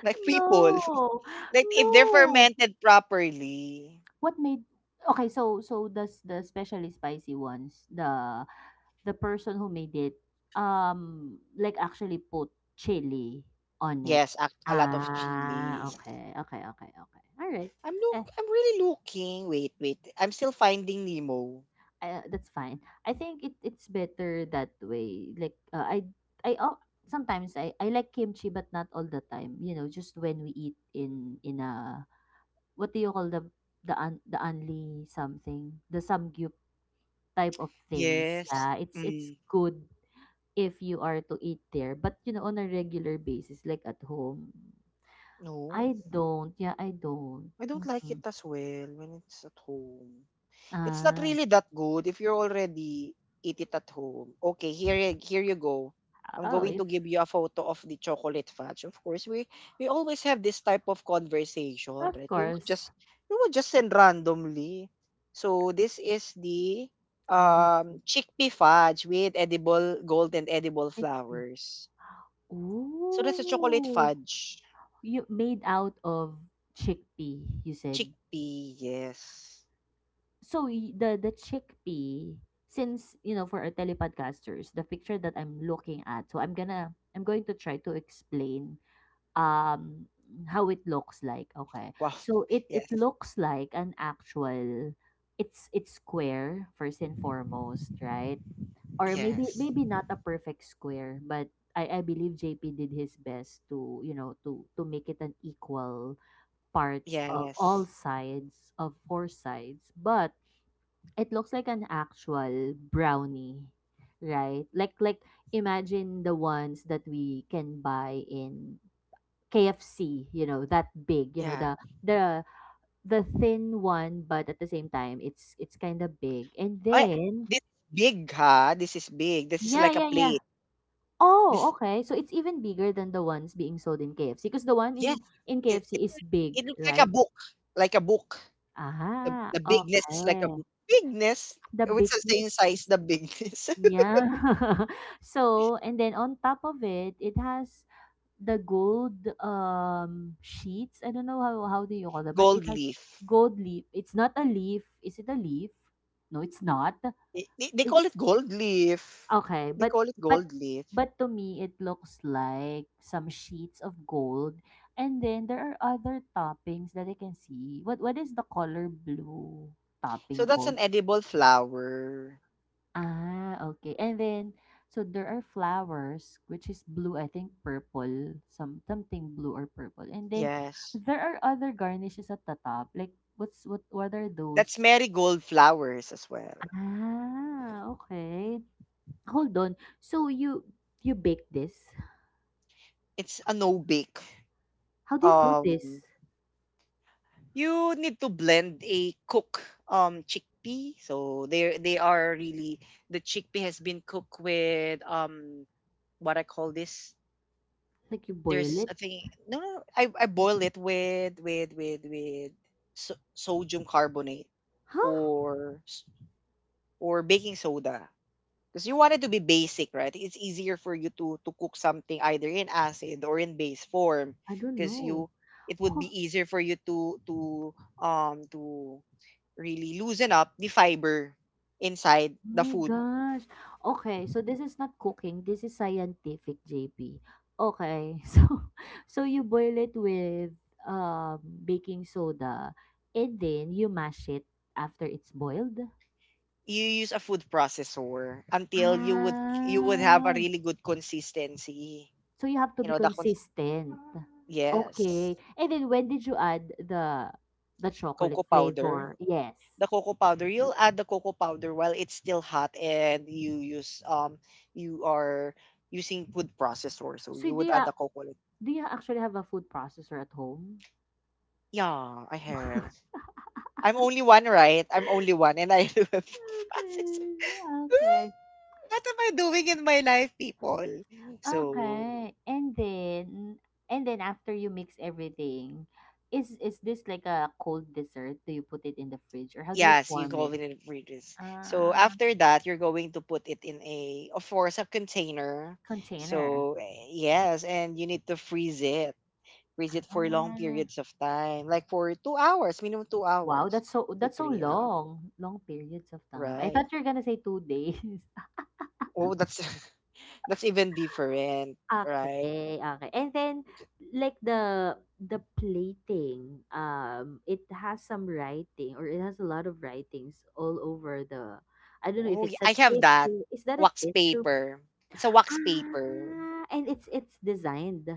S1: Like people.
S2: No.
S1: Like if they're
S2: No.
S1: fermented properly.
S2: What made, okay, so so does the specially spicy ones, the the person who made it um like actually put chili on it.
S1: Yes, a, a lot of
S2: Ah,
S1: chilies.
S2: okay. Okay, okay, okay. All right.
S1: I'm
S2: Eh,
S1: look I'm really looking. Wait, wait. I'm still finding Nemo.
S2: I, that's fine. I think it it's better that way. Like uh, I I oh, sometimes I I like kimchi but not all the time, you know, just when we eat in in a, what do you call, the the un, the only something, the samgyup type of things.
S1: Yes.
S2: Yeah, it's it's
S1: Mm.
S2: good if you are to eat there, but you know, on a regular basis, like at home,
S1: No.
S2: I don't. Yeah, I don't.
S1: I don't like it
S2: Mm-mm.
S1: as well when it's at home. It's not
S2: Ah,
S1: really that good if you're already eat it at home. Okay, here y- here you go. I'm
S2: oh,
S1: going
S2: if
S1: to give you a photo of the chocolate fudge. Of course, we we always have this type of conversation,
S2: of
S1: right? We would
S2: course.
S1: just we would just send randomly. So this is the
S2: I wanna
S1: um
S2: see
S1: chickpea fudge with edible gold and edible
S2: chickpea.
S1: flowers. So that's a chocolate
S2: Ooh,
S1: fudge.
S2: you made out of chickpea. You said
S1: Chickpea, yes.
S2: so. Y- The the chickpea. Since, you know, for our telepodcasters, the picture that I'm looking at, so I'm gonna I'm going to try to explain, um, how it looks like. Okay.
S1: Wow.
S2: So it it
S1: Yes.
S2: looks like an actual, it's it's square first and foremost, right? Or maybe,
S1: Yes.
S2: maybe not a perfect square, but I, I believe J P did his best to, you know, to to make it an equal parts of all
S1: Yes.
S2: sides, of four sides, but it looks like an actual brownie, right? Like like imagine the ones that we can buy in K F C, you know, that big, you know,
S1: Yeah.
S2: the the the thin one, but at the same time it's it's kind of big. And
S1: Oh,
S2: then
S1: this is big, huh? This is big. This is
S2: yeah,
S1: like a
S2: yeah, yeah.
S1: plate.
S2: Oh,
S1: This,
S2: okay. So it's even bigger than the ones being sold in K F C because the one
S1: yes.
S2: in in
S1: It, it,
S2: K F C is big,
S1: it looks like
S2: right?
S1: a book. Like a book. The,
S2: Aha,
S1: the bigness is like a
S2: okay.
S1: book. Bigness.
S2: The
S1: It's the same
S2: bigness
S1: size,
S2: is
S1: the bigness.
S2: yeah. So, and then on top of it, it has the gold, um, sheets? I don't know how how do you call that, but it
S1: Gold
S2: has
S1: leaf.
S2: gold leaf. It's not a leaf. Is it a leaf? No, it's not.
S1: I- They, they call it
S2: It's,
S1: gold leaf.
S2: okay,
S1: They
S2: but
S1: call it
S2: but
S1: gold leaf.
S2: but to me it looks like some sheets of gold, and then there are other toppings that I can see. What what is the color blue
S1: So
S2: topping
S1: that's
S2: called?
S1: an edible flower.
S2: Ah, okay. And then, so there are flowers, which is blue, I think purple, some something blue or purple. And then
S1: Yes.
S2: there are other garnishes at the top. Like, what's what what are
S1: That's
S2: those?
S1: marigold flowers as well.
S2: Ah, okay. Hold on. So you you bake this?
S1: It's a no-bake.
S2: How do you cook
S1: Um,
S2: this?
S1: You need to blend a cook um chickpea. So they they are really the chickpea has been cooked with um what I call this.
S2: Like, you boil
S1: There's a
S2: it?
S1: thing. No, no, no, I I boil it with with with with so- sodium carbonate
S2: Huh?
S1: or s- or baking soda because you want it to be basic, right? It's easier for you to to cook something either in acid or in base form
S2: I don't
S1: because
S2: know.
S1: you it would be easier for you to to um to really loosen up the fiber inside
S2: Oh
S1: the
S2: my
S1: food.
S2: gosh. Okay, so this is not cooking, this is scientific, J P. Okay. So so you boil it with um baking soda and then you mash it after it's boiled?
S1: You use a food processor until you would you would have a
S2: Ah.
S1: really good consistency,
S2: So you have to
S1: you
S2: be
S1: know, the cons-
S2: consistent.
S1: yes.
S2: Okay. And then when did you add the the
S1: Cocoa
S2: chocolate
S1: powder.
S2: flavor? Yes.
S1: The cocoa powder, you'll add the cocoa powder while it's still hot, and you use um you are using food processor, so
S2: So
S1: you
S2: do
S1: would
S2: you
S1: add
S2: a-
S1: the cocoa like,
S2: do you actually have a food processor at home?
S1: yeah, I have. I'm only one, right? I'm only one and I have food processor.
S2: Okay. Okay.
S1: What am I doing in my life, people? So,
S2: Okay. And then, and then after you mix everything, is is this like a cold dessert? Do you put it in the fridge or how do you
S1: yes, you
S2: form
S1: go
S2: it?
S1: in and read this. So,
S2: Uh,
S1: after that, you're going to put it in a, of course, a container.
S2: container.
S1: So, eh, yes, and you need to freeze it. Freeze it for long
S2: Ah,
S1: periods of time, like for two hours, minimum two
S2: wow,
S1: hours
S2: that's so,
S1: to
S2: that's so
S1: three hours.
S2: long. Long periods of time. I
S1: Right.
S2: thought you were gonna say two days.
S1: Oh, that's that's even different, right?
S2: Okay, okay. And then like the the plating, um, it has some writing or it has a lot of writings all over the, I don't know if
S1: Oh, yeah,
S2: it's a
S1: I have that
S2: tissue. Is that a
S1: wax
S2: tissue?
S1: paper. It's a wax paper.
S2: Ah, and it's it's designed.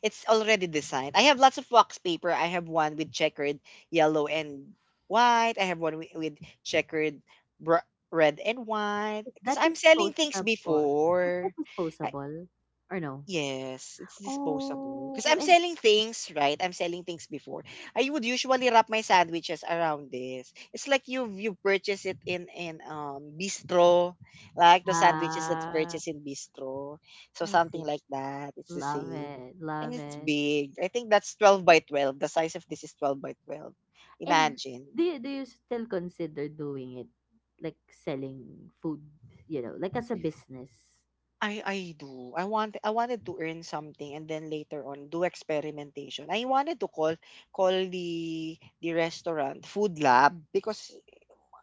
S1: It's already designed. I have lots of wax paper. I have one with checkered yellow and white. I have one with, with checkered br- red and white.
S2: Is
S1: Because
S2: that
S1: I'm selling things
S2: disposable? Is that
S1: before.
S2: disposable or no?
S1: Yes, it's disposable. Because
S2: Oh,
S1: I'm
S2: and
S1: selling things, right? I'm selling things before. I would usually wrap my sandwiches around this. It's like you you purchase it in in um bistro, like the sandwiches that's
S2: ah,
S1: purchased in bistro. So
S2: I
S1: something
S2: see.
S1: like that. It's the
S2: Love
S1: same.
S2: it.
S1: And
S2: Love
S1: it's
S2: it.
S1: big. I think that's twelve by twelve. The size of this is twelve by twelve.
S2: And do
S1: Imagine.
S2: you, do you still consider doing it, like selling food, you know, like as a business?
S1: I I do. I want I wanted to earn something and then later on do experimentation. I wanted to call call the the restaurant food lab because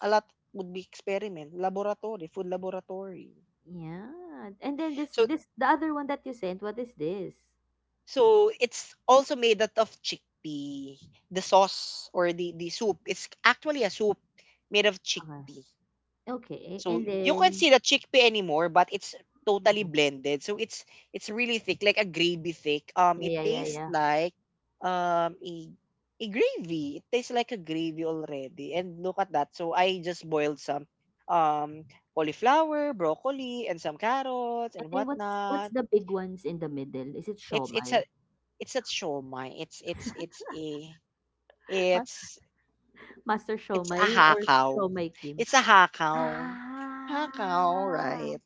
S1: a lot would be experiment laboratory, food laboratory.
S2: Yeah. And then this
S1: So
S2: this the other one that you sent, what is this?
S1: so it's also made out of chickpea. The sauce or the the soup, it's actually a soup made of
S2: Okay.
S1: chickpea.
S2: Okay.
S1: So
S2: And
S1: you can
S2: then
S1: see the chickpea anymore, but it's totally
S2: mhm.
S1: blended. So it's it's really thick, like a gravy thick. Um, it
S2: Yeah, yeah, yeah,
S1: tastes
S2: yeah.
S1: like um a a gravy. It tastes like a gravy already. And look at that. So I just boiled some um cauliflower, broccoli, and some carrots
S2: And
S1: and
S2: then what's what's
S1: whatnot.
S2: the big ones in the middle? Is it
S1: It's it's a
S2: Shomai?
S1: it's a shomai. It's it's it's a
S2: Ma-
S1: it's
S2: Master
S1: it's a
S2: Shomai or
S1: hakaw.
S2: Shomai Kim?
S1: It's a hakaw. Hakaw,
S2: Ah.
S1: right?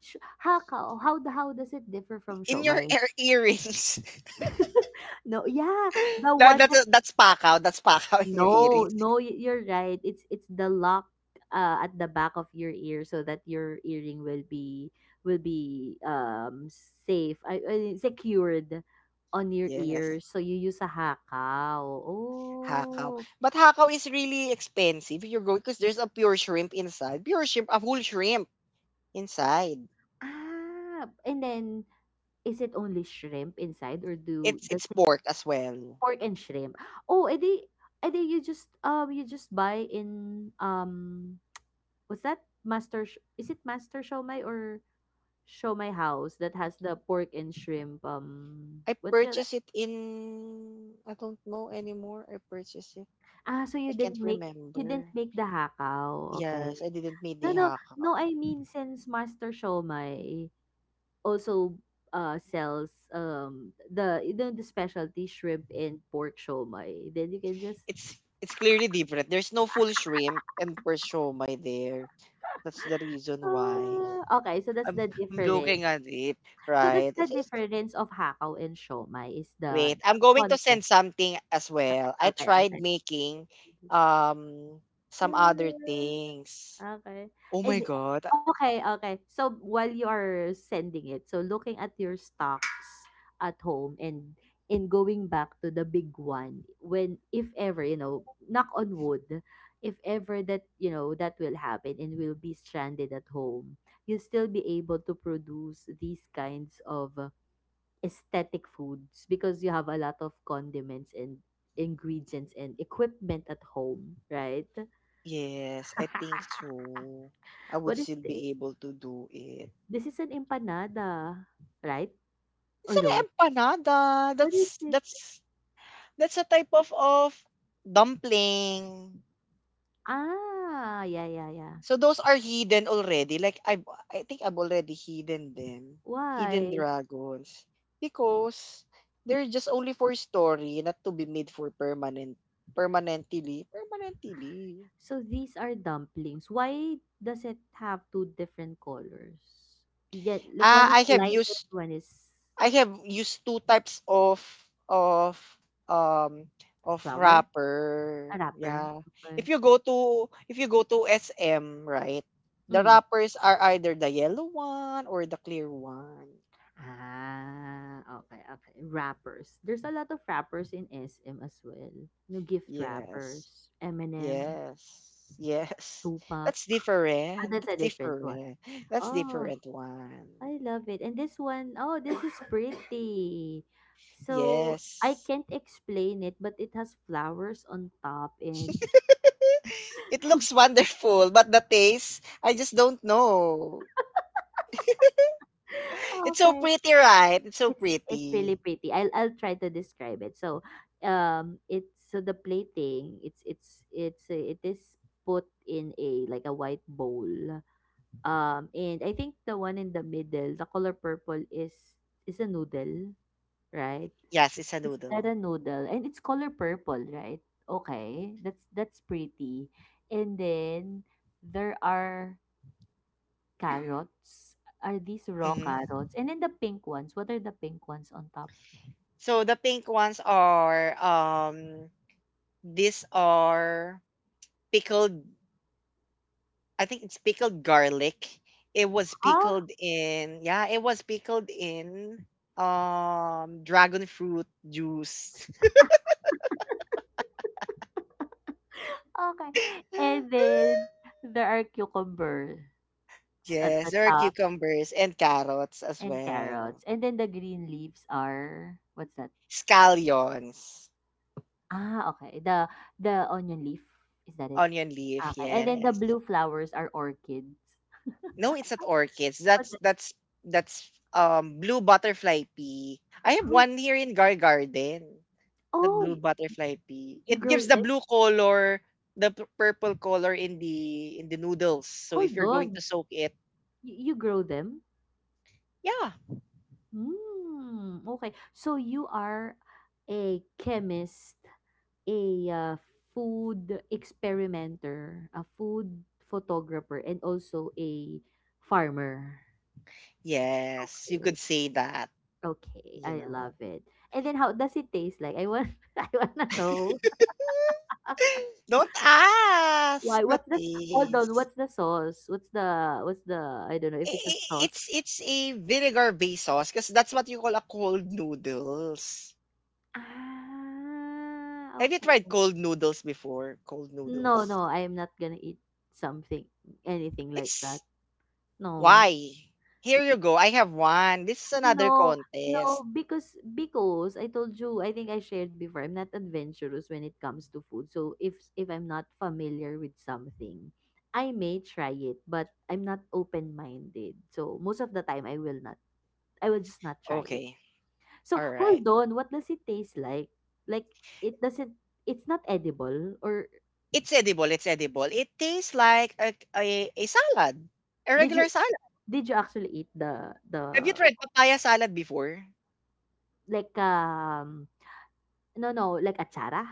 S2: Sh- how, how how does it differ from
S1: In your
S2: Shomai?
S1: ear earrings.
S2: No, yeah, the
S1: that,
S2: one.
S1: that's that's pakaw. That's pakaw in your
S2: No,
S1: earrings.
S2: no, y- you're right. It's it's the lock uh, at the back of your ear so that your earring will be, will be um safe, I, I- secured on your ear.
S1: Yes.
S2: So you use a hakaw.
S1: Hakaw.
S2: Oh,
S1: But hakaw is really expensive. You're going because there's a pure shrimp inside. Pure shrimp, a whole shrimp inside.
S2: ah, and then is it only shrimp inside or do,
S1: It's
S2: does
S1: it's
S2: it,
S1: pork as well.
S2: pork and shrimp? Oh, edi, edi you just um you just buy in um what's that? Master Sh- is it Master Shomai or show my house that has the pork and shrimp, um,
S1: I
S2: what do you call that?
S1: purchased it in, I don't know anymore. I purchased it.
S2: Ah, so
S1: I
S2: you
S1: can't
S2: didn't make, you didn't
S1: remember.
S2: make the hakaw,
S1: Yes,
S2: okay.
S1: I didn't need
S2: No,
S1: the
S2: no, no,
S1: hakaw.
S2: I mean since Master Shomai also uh sells um the you know, the specialty shrimp and pork shomai, then you can just
S1: It's it's clearly different. There's no full shrimp and per shomai there. That's the reason why.
S2: ah, okay, so that's
S1: I'm
S2: the
S1: I'm
S2: difference.
S1: looking at it,
S2: So that's
S1: right?
S2: the
S1: It is
S2: difference of hakaw and shomai is the,
S1: wait.
S2: the
S1: I'm going to
S2: content.
S1: send something as well. I
S2: Okay,
S1: tried
S2: okay,
S1: making um some
S2: okay.
S1: other things.
S2: Okay.
S1: Oh
S2: And
S1: my god. uh,
S2: okay, okay. So while you are sending it, so looking at your stocks at home and in going back to the big one, when if ever, you know, knock on wood, if ever that, you know, that will happen and we'll be stranded at home, you'll still be able to produce these kinds of uh, aesthetic foods because you have a lot of condiments and ingredients and equipment at home, right?
S1: Yes, I think so. I would
S2: What is
S1: still
S2: this?
S1: be able to do it.
S2: This is an empanada, right?
S1: It's
S2: Or
S1: an
S2: no?
S1: empanada.
S2: What is
S1: That's
S2: it?
S1: that's that's a type of of dumpling.
S2: Ah, yeah, yeah, yeah.
S1: So those are hidden already. Like I I think I've already hidden them. Hidden
S2: Why?
S1: dragons. Because they're just only for story, not to be made for permanent permanently. Permanently.
S2: So these are dumplings. Why does it have two different colors? Yeah, like one
S1: Ah,
S2: is
S1: I have
S2: light and
S1: used
S2: one is
S1: I have used two types of of um of
S2: flower, a
S1: wrapper.
S2: wrapper.
S1: Yeah.
S2: Okay.
S1: If you go to if you go to S M, right? The
S2: Mm.
S1: wrappers are either the yellow one or the clear one.
S2: Ah, okay, okay. Wrappers. There's a lot of wrappers in S M as well. No gift
S1: Yes.
S2: wrappers, M and M,
S1: Yes. Yes.
S2: Tupac.
S1: That's
S2: Ah,
S1: different.
S2: that's
S1: That's
S2: a different one.
S1: different. That's
S2: Oh.
S1: different one.
S2: I love it. And this one, oh, this is pretty. So I
S1: Yes.
S2: can't explain it, but it has flowers on top and
S1: It looks wonderful, but the taste, I just don't know. It's so
S2: okay.
S1: pretty, right? It's so
S2: It's it's
S1: pretty.
S2: really pretty. I'll I'll try to describe it. So um it's so the plating, it's it's it's uh, it is put in a like a white bowl. Um and I think the one in the middle, the color purple is is a noodle, right?
S1: Yes, it's a
S2: Is that
S1: noodle.
S2: a noodle? And it's color purple, right? Okay, that's that's pretty. And then there are carrots. Are these raw
S1: Hmm.
S2: carrots? And then the pink ones. What are the pink ones on top?
S1: So the pink ones are um these are pickled, I think it's pickled garlic. It was
S2: Huh?
S1: pickled in, yeah, it was pickled in um dragon fruit juice.
S2: Okay. And then there are cucumbers at
S1: Yes,
S2: the
S1: there are
S2: top
S1: cucumbers and carrots as
S2: and
S1: well.
S2: carrots. And then the green leaves are what's that?
S1: Scallions,
S2: Ah, okay. The the onion leaf. Is that it?
S1: onion leaf,
S2: Okay. And then the
S1: yes.
S2: blue flowers are orchids.
S1: No, it's not orchids.
S2: What
S1: That's that's that's um blue butterfly pea. I have
S2: the
S1: one here in Gar Garden. The
S2: Oh,
S1: blue
S2: y
S1: butterfly pea.
S2: you
S1: It
S2: grow
S1: gives the
S2: them?
S1: blue color, the p- purple color in the in the noodles. So if
S2: Hold
S1: you're going
S2: on.
S1: to soak it,
S2: You you grow them?
S1: yeah.
S2: Mm, okay. So you are a chemist, a uh, food experimenter, a food photographer, and also a farmer.
S1: Yes, you could
S2: Okay,
S1: say that,
S2: okay,
S1: you
S2: I
S1: know.
S2: love it. And then how does it taste like? I want I wanna know.
S1: Don't ask
S2: Why?
S1: the
S2: What's the s- hold on?
S1: taste.
S2: What's the sauce? What's the what's the I don't know
S1: I-
S2: if it's a
S1: i- It's
S2: sauce.
S1: it's a vinegar based sauce because that's what you call a cold noodles.
S2: Ah,
S1: Have you tried
S2: okay.
S1: cold noodles before? Cold
S2: No,
S1: noodles.
S2: no, I'm not gonna eat something, anything like that.
S1: It's
S2: No,
S1: why. Here you go. I have one. This is another
S2: no, no,
S1: contest.
S2: because because I told you, I think I shared before, I'm not adventurous when it comes to food. So if if I'm not familiar with something, I may try it, but I'm not open-minded. So most of the time, I will not. I will just not try it.
S1: Okay.
S2: So
S1: Alright.
S2: hold on, what does it taste like? Like it doesn't. It's not edible, or
S1: It's edible, it's edible. It tastes like a, a, a salad, a
S2: did you
S1: regular salad.
S2: did you actually eat the
S1: Have you
S2: the
S1: tried papaya salad before?
S2: Like, um no, no, like atsara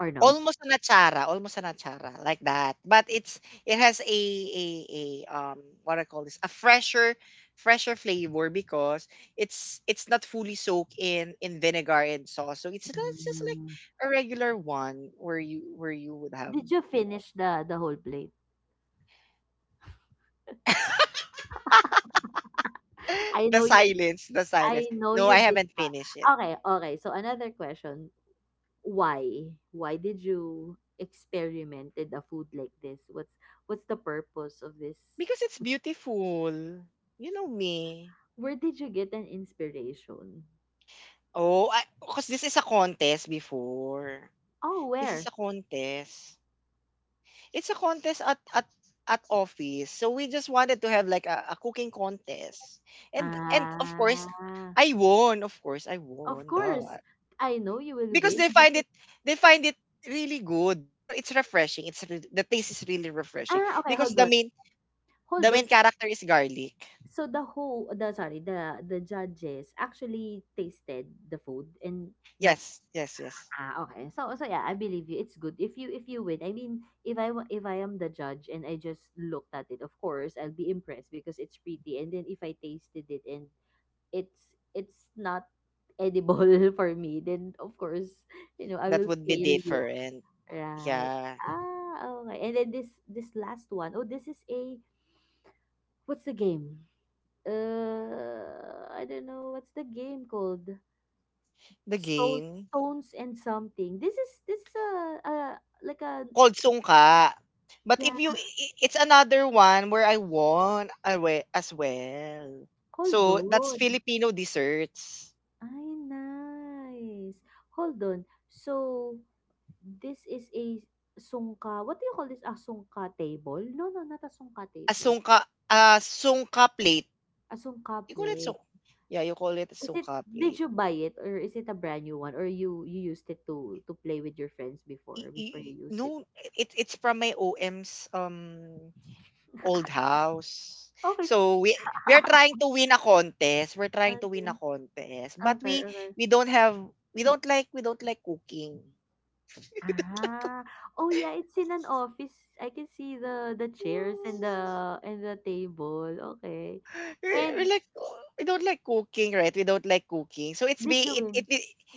S2: or no?
S1: Almost an achara, almost an achara, like that. But it's it has a a, a um what I call this, a fresher fresher flavor because it's it's not fully soaked in in vinegar and sauce. So it's, it's just like
S2: Hmm.
S1: a regular one where you where you would have,
S2: Did you
S1: you know.
S2: finish the the whole plate? I
S1: The
S2: know you
S1: silence the
S2: I
S1: silence.
S2: know
S1: No,
S2: you
S1: I
S2: did.
S1: haven't finished it.
S2: Okay, okay. So another question, why? Why did you experimented a food like this? What's what's the purpose of this?
S1: Because it's beautiful. You know me.
S2: Where did you get an inspiration?
S1: Oh, because this is a contest before.
S2: Oh,
S1: This is
S2: where?
S1: a contest. It's a contest at at at office. So we just wanted to have like a, a cooking contest. And and of course,
S2: Ah,
S1: I won. Of course, I
S2: of
S1: won
S2: course.
S1: that.
S2: I know you will
S1: Because
S2: win
S1: they find
S2: because
S1: it they find it really good. You know, it's refreshing. It's re- the taste is really refreshing
S2: Ah, okay,
S1: because
S2: hold
S1: the
S2: on.
S1: main the
S2: Hold on.
S1: main character is garlic.
S2: So the whole the sorry, the the judges actually tasted the food and not
S1: Yes, yes, yes.
S2: ah okay. So so yeah, I believe you. It's good if you if you win. I mean, if I wa- if I am the judge and I just looked at it, of course I'll be impressed because it's pretty. And then if I tasted it and it's it's not edible for me, then of course you know I
S1: That
S2: will
S1: would be
S2: fail you,
S1: different.
S2: right?
S1: Yeah.
S2: Ah okay. And then this this last one, oh this is a what's the game? Uh, I don't know what's the game called.
S1: The
S2: Stone,
S1: game
S2: stones and something. This is this is a, a like a
S1: called Sungka. But if you
S2: yeah.
S1: i- i- it's another one where I won awe- as well.
S2: Hold
S1: So that's
S2: on.
S1: Filipino desserts.
S2: Ay, nice. Hold on. So this is a sungka. What do you call this? A sungka table? No, no, not a sungka
S1: A
S2: table.
S1: sungka a sungka plate.
S2: A sungka
S1: You call it
S2: plate.
S1: sung Yeah, you call it
S2: Is it?
S1: sungka
S2: Did
S1: plate.
S2: you buy it or is it a brand new one or you you used it to to play with your friends before
S1: I-
S2: before you
S1: i-
S2: use it?
S1: no, it it's from my O M's um old house.
S2: okay.
S1: So we we are trying to win a contest. We're trying to win
S2: Okay.
S1: a contest, but
S2: Okay,
S1: we
S2: okay.
S1: we don't have we don't like we don't like cooking.
S2: Ah, oh yeah, it's in an office. I can see the the chairs and the and the table. Okay.
S1: we we
S2: And
S1: like we don't like cooking, right? We don't like cooking. So it's be
S2: did you
S1: it it
S2: win?
S1: it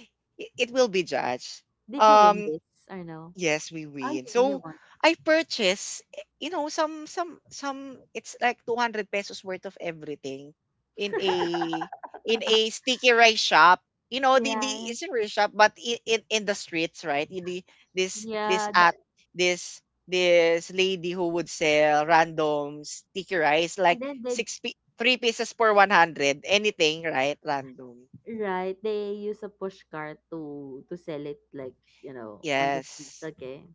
S1: it will be judged.
S2: Did you win
S1: Um
S2: this or no?
S1: Yes, we
S2: Oh, you,
S1: win.
S2: you
S1: So
S2: won.
S1: I purchase, eh, you know, some some some, it's like two hundred pesos worth of everything in a in a sticky rice shop. You know, the the
S2: Yeah,
S1: it's a rice shop, but in in, in the streets, right? In the this this
S2: yeah. The,
S1: at this this lady who would sell random sticky rice like
S2: and then they
S1: six pi- three pieces for one hundred, anything, right? Random.
S2: right, they use a push cart to to sell it like you know on the streets.
S1: Yes.
S2: Okay,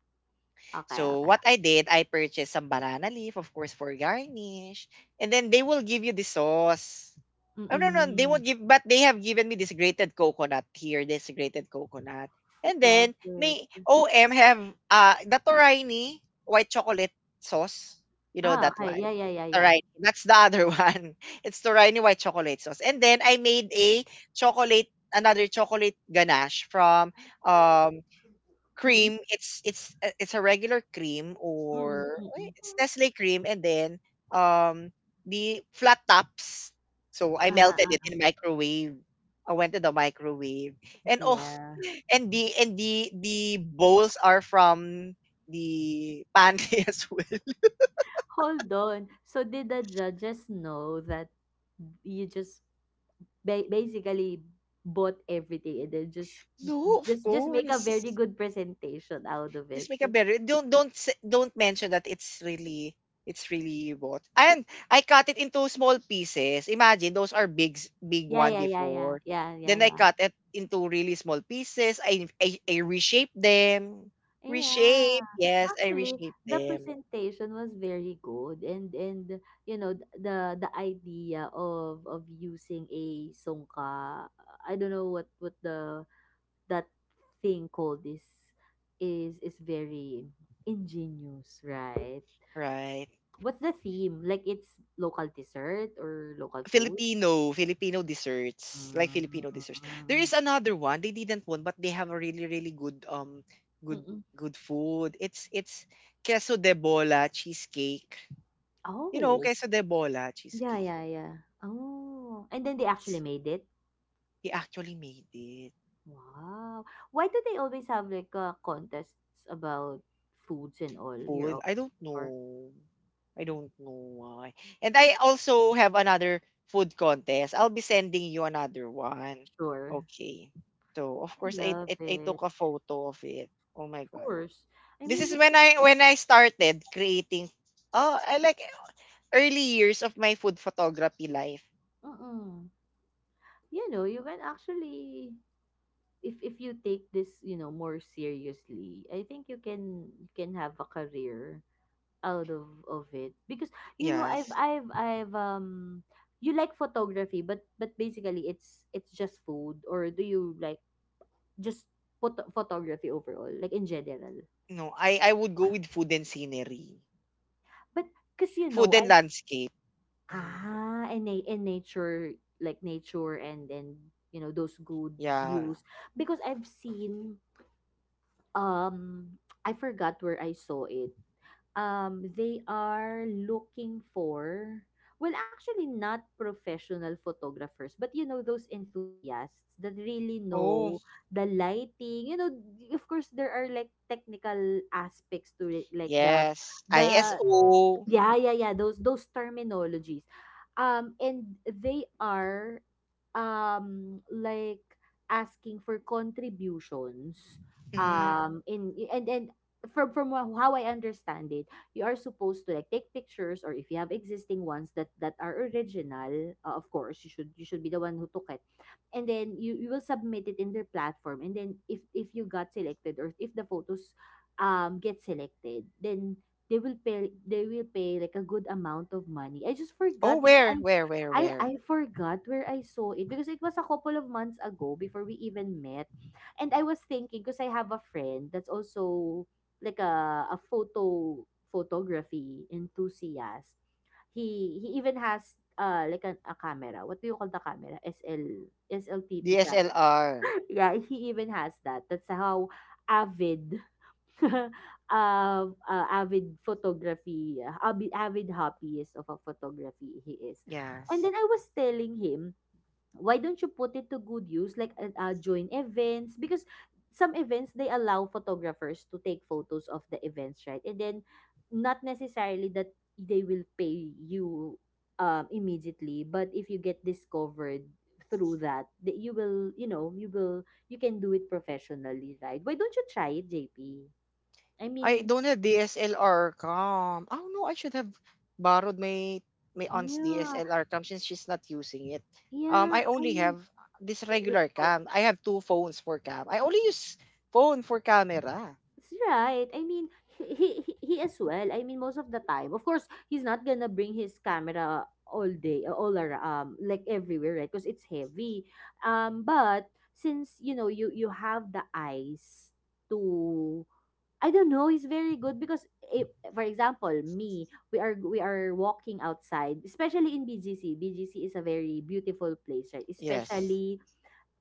S2: okay,
S1: So
S2: okay.
S1: what I did, I purchased some banana leaf, of course, for garnish. And then they will give you the sauce. Oh, no, no, they
S2: Mm-mm.
S1: won't give, but they have given me this grated coconut here, this grated coconut. And
S2: Love
S1: then,
S2: it.
S1: may O M have uh, the Toraini white chocolate sauce. You know
S2: Ah,
S1: that
S2: okay. Yeah,
S1: one.
S2: yeah, yeah, yeah.
S1: Toraini. That's the other one. It's Toraini white chocolate sauce. And then I made a chocolate, another chocolate ganache from um
S2: Mm-mm.
S1: cream. It's it's a- it's a regular cream,
S2: Mm-mm.
S1: or eh,
S2: Mm-mm.
S1: it's Nestle cream, and then um the flat tops. So I
S2: Uh-huh.
S1: melted it
S2: uh,
S1: in microwave. I went to the microwave, and oh,
S2: Yeah.
S1: and the and the the bowls are from the pantry as well.
S2: Hold on. So did the judges know that you just ba- basically bought everything and then just
S1: No, of
S2: just just make a very
S1: course.
S2: good presentation out of
S1: Just
S2: it?
S1: make a better. Don't don't s- don't mention that it's really, it's really what. And I cut it into small pieces. Imagine those are big s- big
S2: Yeah,
S1: one
S2: yeah, yeah, yeah,
S1: before.
S2: yeah, yeah,
S1: Then I
S2: yeah.
S1: cut it into really small pieces. I I, I reshape them.
S2: Yeah.
S1: Reshape. Yes, I
S2: Actually,
S1: reshape
S2: the
S1: them.
S2: presentation was very good, and and you know th- the the idea of of using a songka. I don't know what what the that thing called this is is very ingenious, right?
S1: Right.
S2: What's the theme? Like it's local dessert or local food?
S1: Filipino, Filipino desserts, like
S2: Mm,
S1: Filipino desserts. There is another one. They didn't won, but they have a really really good um good
S2: mm-mm.
S1: good food. It's it's queso de bola cheesecake. You know,
S2: Oh,
S1: queso de bola
S2: yeah,
S1: cheesecake.
S2: yeah, yeah. Oh, and then they actually made it.
S1: He actually made it.
S2: Wow. Why do they always have like uh, contests about foods and all your
S1: Food, I don't
S2: office for
S1: know. I don't know why. And I also have another food contest. I'll be sending you another one.
S2: sure?
S1: Okay. So
S2: I
S1: of course I,
S2: love
S1: I I
S2: it.
S1: took a photo of it. Oh my
S2: Of
S1: god.
S2: course. I
S1: This
S2: mean,
S1: is
S2: you
S1: when I when I started creating oh I like early years of my food photography life.
S2: mm-mm. you know, you can actually if if you take this you know more seriously I think you can you can have a career out of of it because you know i've
S1: Yes.
S2: i've i've um you like photography but but basically it's it's just food or do you like just photo- photography overall like in general
S1: No, I I would go with food and scenery.
S2: but because you
S1: Food
S2: know
S1: and
S2: I
S1: landscape. Mm.
S2: ah in, na- in nature like nature and and you know those good
S1: Yeah.
S2: views because I've seen um I forgot where I saw it. Um, they are looking for well, actually not professional photographers, but you know those enthusiasts that really
S1: Oh.
S2: know the lighting. You know, of course there are like technical aspects to it, like the
S1: Yes.
S2: the
S1: I S O.
S2: Yeah, yeah, yeah. Those those terminologies. Um and they are um like asking for contributions
S1: Mhm.
S2: um in and and from from wha- how I understand it, you are supposed to like take pictures or if you have existing ones that that are original, uh, of course, you should you should be the one who took it. And then you you will submit it in their platform and then if if you got selected or if the photos um get selected, then they will pay they will pay like a good amount of money. I just
S1: Oh,
S2: forgot where
S1: where?
S2: I
S1: Where? Where?
S2: I I
S1: Where?
S2: forgot where I saw it because it was a couple of months ago before we even met. And I was thinking because I have a friend that's also like a a photo photography enthusiast. He he even has uh like an, a camera. What do you call the camera? S L S L T P camera.
S1: D S L R.
S2: Yeah, he even has that. That's how avid uh, uh, avid photography, uh, avid, avid hobbyist of a photography he is. And
S1: Yes.
S2: then I was telling him, why don't you put it to good use, like uh, uh, join events? Because some events, they allow photographers to take photos of the events, right? And then not necessarily that they will pay you um, immediately, but if you get discovered, through that that you will you know you will you can do it professionally right why don't you try it jp I
S1: I
S2: mean,
S1: don't have D S L R cam. Oh no, I should have borrowed my my aunt's
S2: yeah,
S1: D S L R cam since she's not using it. Um,
S2: yeah.
S1: I
S2: I
S1: only
S2: mean,
S1: have this
S2: y- yeah,
S1: regular
S2: oh,
S1: cam. I have two phones for cam. I only use phone for camera.
S2: it's right. I mean, he, he he he as well. I mean, most of the time, of course, he's not gonna bring his camera all day, uh, all around, um, like everywhere, right? Because it's heavy. Um, but since you know you you have the eyes to. I don't know. He's very good because, if, for example, me, we are we are walking outside, especially in B G C. B G C is a very beautiful place, right?
S1: Yes.
S2: Especially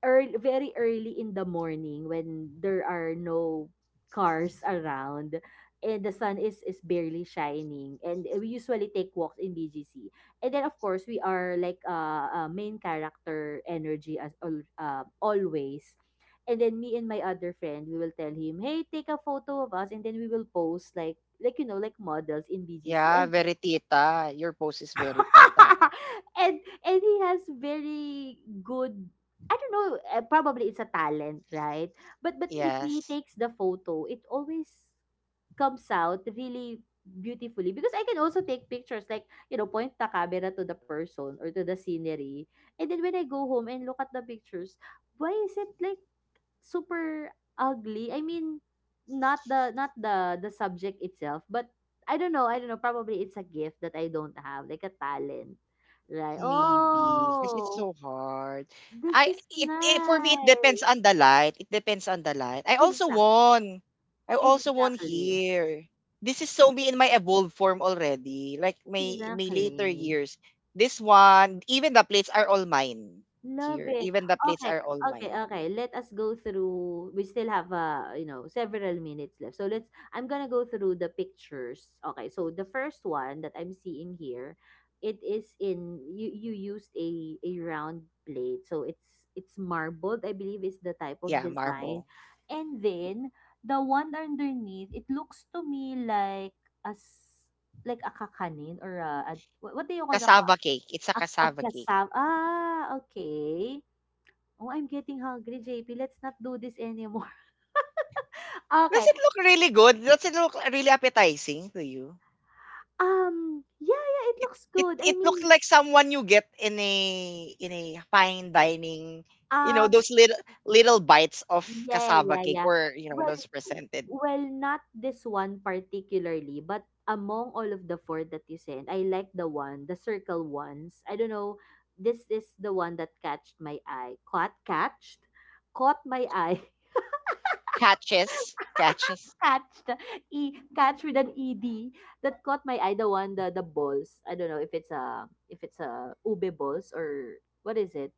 S2: early, very early in the morning when there are no cars around and the sun is is barely shining and we usually take walks in B G C and then of course we are like uh, uh main character energy as al- uh, always and then me and my other friend we will tell him hey take a photo of us and then we will post like like you know like models in B G C
S1: Yeah,
S2: and
S1: very tita. Your post is very tita.
S2: and and he has very good I don't know, uh, probably it's a talent, right? But but if he
S1: Yes.
S2: takes the photo, it always comes out really beautifully because I can also take pictures like, you know, point the camera to the person or to the scenery. And then when I go home and look at the pictures, why is it like super ugly? I mean, not the not the the subject itself, but I don't know I don't know, probably it's a gift that I don't have, like a talent, right?
S1: Maybe because it's
S2: "Oh,
S1: so hard.
S2: this
S1: I
S2: is
S1: it, it For me it depends
S2: nice."
S1: on the light. It depends on the light. I also
S2: Exact
S1: won. I also won
S2: exactly,
S1: here. This is so me in my evolved form already. Like my my later
S2: exactly.
S1: years. This one, even the plates are all mine
S2: Love
S1: here.
S2: it.
S1: Even the plates
S2: Okay,
S1: are all
S2: okay,
S1: mine.
S2: okay. Let us go through. We still have uh, you know, several minutes left. So let's I'm going to go through the pictures. Okay. So the first one that I'm seeing here, it is in you you used a a round plate. So it's it's marbled, I believe, is the type of
S1: Yeah,
S2: design.
S1: marble.
S2: And then the one underneath, it looks to me like as like a kakanin, or a, a what what do you call the...
S1: Cassava cake. It's a
S2: Ak ak
S1: cassava cake.
S2: kasam, ah, okay. Oh, I'm getting hungry, J P. Let's not do this anymore.
S1: Does
S2: Okay,
S1: it look really good? Does it look really appetizing to you?
S2: um, yeah, yeah, it
S1: It
S2: looks
S1: it
S2: good. I
S1: it looked
S2: mean,
S1: like someone you get in a in a fine dining, you know,
S2: um,
S1: those little little bites of
S2: yeah,
S1: cassava
S2: yeah,
S1: cake,
S2: yeah.
S1: or you know
S2: Well,
S1: those presented
S2: well, not this one particularly, but among all of the four that you sent, I like the one, the circle ones. I don't know, this is the one that catched my eye. Caught, catched, caught my eye.
S1: catches catches.
S2: Catch the e, catch with an ed, that caught my eye, the one, the the balls. I don't know if it's a, if it's a ube balls, or what is it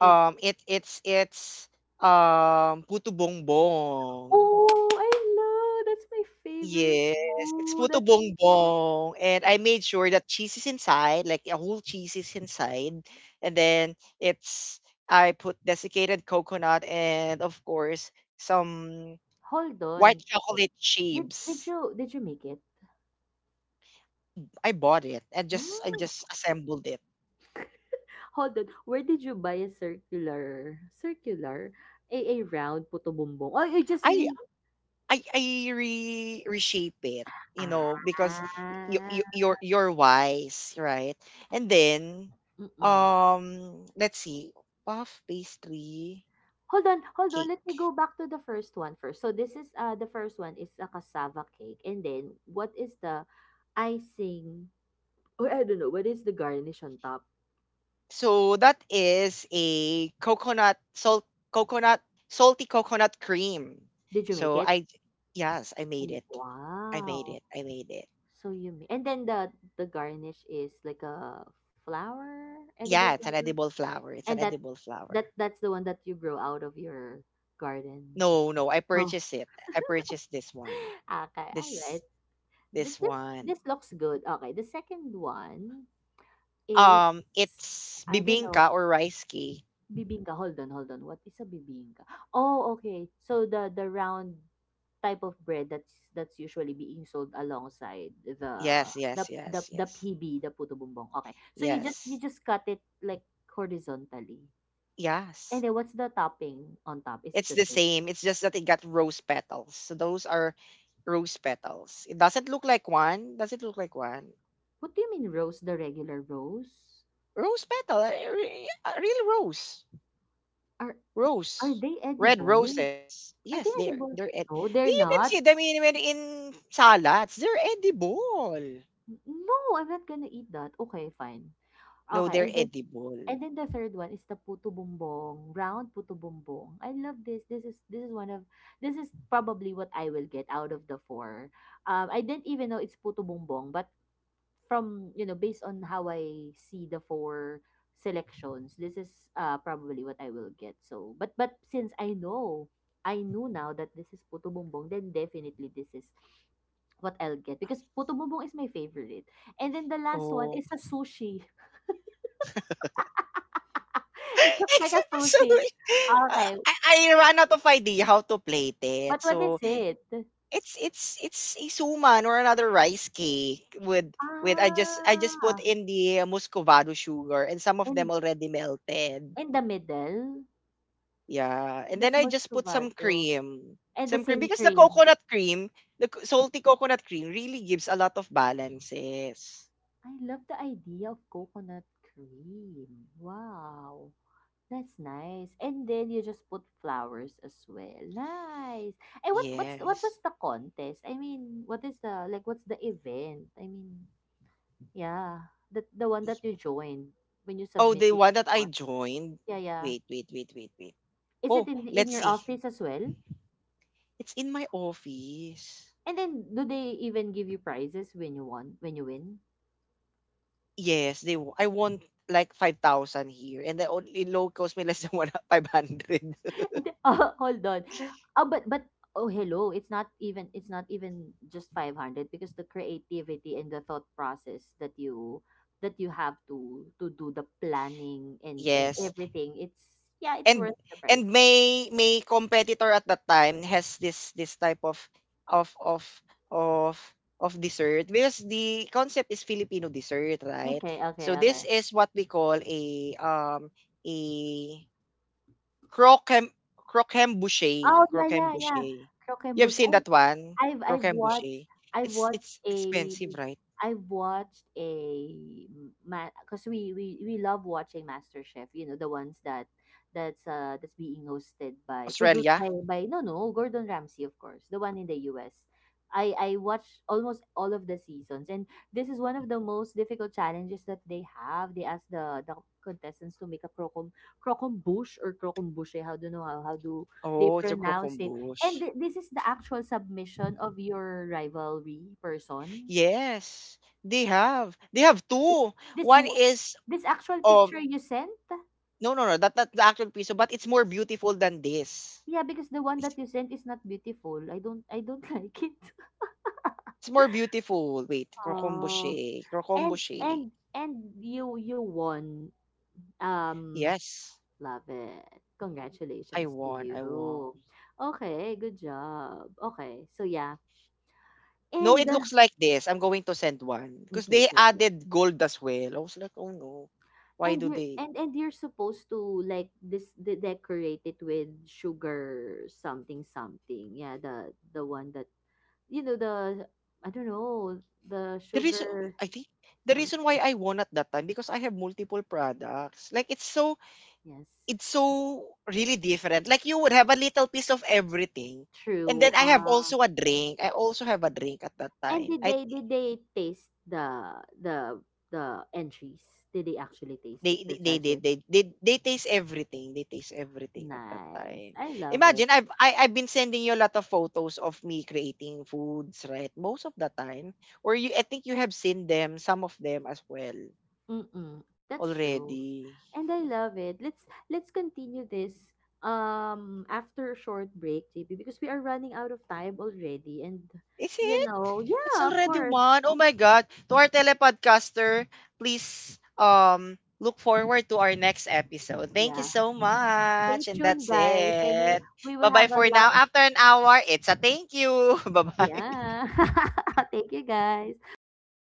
S2: it.
S1: Um, it it's it's um puto bongbong.
S2: Oh, I love, that's my favorite.
S1: Yes, it's
S2: Oh,
S1: puto
S2: that's...
S1: bongbong, and I made sure that cheese is inside, like a whole cheese is inside, and then it's, I put desiccated coconut and of course some
S2: hold
S1: white
S2: on,
S1: chocolate
S2: did, did
S1: chips.
S2: you did you make it?
S1: I I bought it and just I
S2: Mm,
S1: just assembled it.
S2: Hold on, where did you buy a circular circular, a, a round puto bumbong? Oh, you just
S1: I
S2: read...
S1: I I re reshape it, you know,
S2: ah
S1: because you, you you're you're wise, right? And then
S2: mm-mm.
S1: um let's see. Puff pastry
S2: Hold on, hold on. Let
S1: cake.
S2: me go back to the first one first. So this is uh the first one is a cassava cake, and then what is the icing? Or I don't know. What is the garnish on top?
S1: So that is a coconut salt coconut salty coconut cream.
S2: Did you make
S1: So
S2: it?
S1: I Yes, I made
S2: Oh,
S1: it. I made
S2: wow.
S1: it. I made it.
S2: So you ma- and then the the garnish is like a flower, edible
S1: Yeah, it's an
S2: flower.
S1: edible flower. It's an
S2: And that
S1: edible flower.
S2: that that's the one that you grow out of your garden.
S1: No, no, I
S2: Oh,
S1: purchased it. I purchased this one.
S2: okay, all
S1: This
S2: right. This
S1: this
S2: this
S1: one.
S2: this looks good. Okay, the second one...
S1: Um,
S2: it's...
S1: it's
S2: I don't know.
S1: bibingka or rice cake.
S2: Bibingka. Hold on, hold on. What is a bibingka? Oh, okay. So the the round type of bread that's that's usually being sold alongside the
S1: Yes,
S2: the
S1: yes,
S2: the,
S1: yes,
S2: the
S1: yes.
S2: P B, the puto bumbong. Okay. So you just you
S1: Yes.
S2: just cut it like horizontally. And
S1: Yes.
S2: then what's the topping on top? Is it
S1: It's
S2: the
S1: the
S2: same?
S1: same. It's just that it got rose petals. So those are rose petals. It doesn't look like one. Does it look like one?
S2: What do you mean rose, the regular rose?
S1: Rose petal. A a- real rose.
S2: Are are
S1: Rose,
S2: they
S1: red
S2: edible?
S1: roses.
S2: Are
S1: Yes,
S2: they
S1: they're
S2: edible?
S1: they're ed-
S2: No, they're
S1: you can
S2: not.
S1: see them in when in salads. They're edible.
S2: No, I'm not gonna eat that. Okay, fine.
S1: No,
S2: Okay,
S1: they're
S2: and then
S1: edible.
S2: and then the third one is the puto bumbong, round puto bumbong. I love this. This is this is one of this is probably what I will get out of the four. Um, I didn't even know it's puto bumbong, but from you know based on how I see the four selections, this is uh probably what I will get. So, but but since I know, I knew now that this is puto bumbong, then definitely this is what I'll get because puto bumbong is my favorite. And then the last one
S1: Oh.
S2: is a sushi. It looks like a
S1: Except so
S2: sushi.
S1: uh,
S2: Okay,
S1: I, I ran out of idea how to plate it.
S2: but what is
S1: So
S2: it?
S1: it's it's it's a suman or another rice cake with with I just I just put
S2: Ah,
S1: in the muscovado sugar and some of them
S2: in
S1: already melted.
S2: in the middle,
S1: Yeah,
S2: the
S1: and then
S2: that's
S1: I just put some
S2: muscovado.
S1: cream,
S2: And the
S1: some cream
S2: same
S1: because the
S2: cream.
S1: coconut cream, the co salty coconut cream really gives a lot of balances.
S2: I love the idea of coconut cream. Wow. That's nice. And then you just put flowers as well. Nice. And what what's what was
S1: Yes.
S2: the contest? I mean, what is the, like what's the event? I mean, yeah, the the one
S1: Y-
S2: that you joined when you
S1: Oh, the
S2: submitted
S1: one
S2: this.
S1: that I joined.
S2: Yeah, yeah.
S1: Wait, wait, wait, wait, wait.
S2: Is it
S1: Oh,
S2: in the, in
S1: let's
S2: your
S1: see.
S2: office as well?
S1: It's in my office.
S2: And then do they even give you prizes when you won, when you win?
S1: Yes, they. Wa- I want like five thousand here, and the only low cost me less than one five hundred.
S2: And then, oh, hold on. Oh, but but oh hello, it's not even, it's not even just five hundred, because the creativity and the thought process that you that you have to to do the planning and and
S1: Yes.
S2: everything. It's, yeah, it's
S1: and
S2: worth the
S1: and
S2: price.
S1: may may competitor at that time has this this type of of of of of dessert because the concept is Filipino dessert, right?
S2: Okay, okay,
S1: So this
S2: okay.
S1: is what we call a um a croquem croquembouche,
S2: Oh, yeah, yeah, yeah.
S1: croquembouche. You have
S2: Croquembouche.
S1: seen
S2: I
S1: that one,
S2: I've I've watched
S1: croquembouche.
S2: I've
S1: It's
S2: watched
S1: it's
S2: a
S1: expensive, right?
S2: I've watched a man, because we, we we love watching MasterChef. You know the ones that that's uh that's being hosted by, produced
S1: Australia.
S2: by by no, no, Gordon Ramsay, of course, the one in the U S. I I watched almost all of the seasons, and this is one of the most difficult challenges that they have. They ask the the contestants to make a crocom crocombush, or crocombuche. How do know how how do they
S1: Oh, it's a
S2: pronounce it? And
S1: croquembouche.
S2: thi- this is the actual submission of your rivalry person.
S1: Yes, they have. They have two.
S2: This
S1: One
S2: w-
S1: is
S2: this actual
S1: um
S2: picture you sent?
S1: no, no, no. That not the actual piso, but it's more beautiful than this.
S2: Yeah, because the one
S1: It's,
S2: that you sent is not beautiful. I don't I don't like it.
S1: it's more beautiful. Wait,
S2: Oh.
S1: crocomboche,
S2: And
S1: crocomboche.
S2: and and you you won. Um
S1: Yes,
S2: Love it.
S1: I
S2: Congratulations to
S1: won, I
S2: you.
S1: won.
S2: Okay, good job. Okay, so yeah.
S1: No, it
S2: And
S1: looks like this. I'm going to send one because
S2: okay,
S1: they
S2: okay, okay.
S1: added gold as well. I was like, oh no, why
S2: And
S1: do
S2: you're,
S1: they?
S2: and and you're supposed to like this de- decorate it with sugar, something, something, yeah, the the one that, you know the... I don't know, the
S1: The reason
S2: sugar,
S1: I think the reason why
S2: something,
S1: I won at that time because I have multiple products. Like it's so,
S2: yes,
S1: it's so really different. Like you would have a little piece of everything. And
S2: true,
S1: then I have
S2: uh
S1: also a drink. I also have a drink at that
S2: and
S1: time.
S2: did
S1: I
S2: they, did they taste the the the entries? Did they actually taste
S1: they
S2: it, the
S1: they they
S2: judges?
S1: they they, they taste everything. They taste everything at that
S2: Nice,
S1: time.
S2: I love it.
S1: Imagine I've I, I've been sending you a lot of photos of me creating foods, right? Most of the time. Or you I think you have seen them, some of them as well
S2: Mm-mm, that's true.
S1: already.
S2: And I love it. Let's let's continue this um after a short break, J P, because we are running out of time already. And
S1: Is
S2: you
S1: it?
S2: know,
S1: It's
S2: yeah, of
S1: already
S2: course.
S1: one. Oh my God. To our telepodcaster, please um look forward to our next episode. Thank you
S2: Yeah.
S1: so
S2: Stay
S1: much. And that's
S2: tuned guys, and we
S1: it.
S2: we will
S1: Bye-bye
S2: have a
S1: for
S2: lot.
S1: now. After an hour, it's a thank you. Bye-bye.
S2: Yeah. Thank you guys. Bye.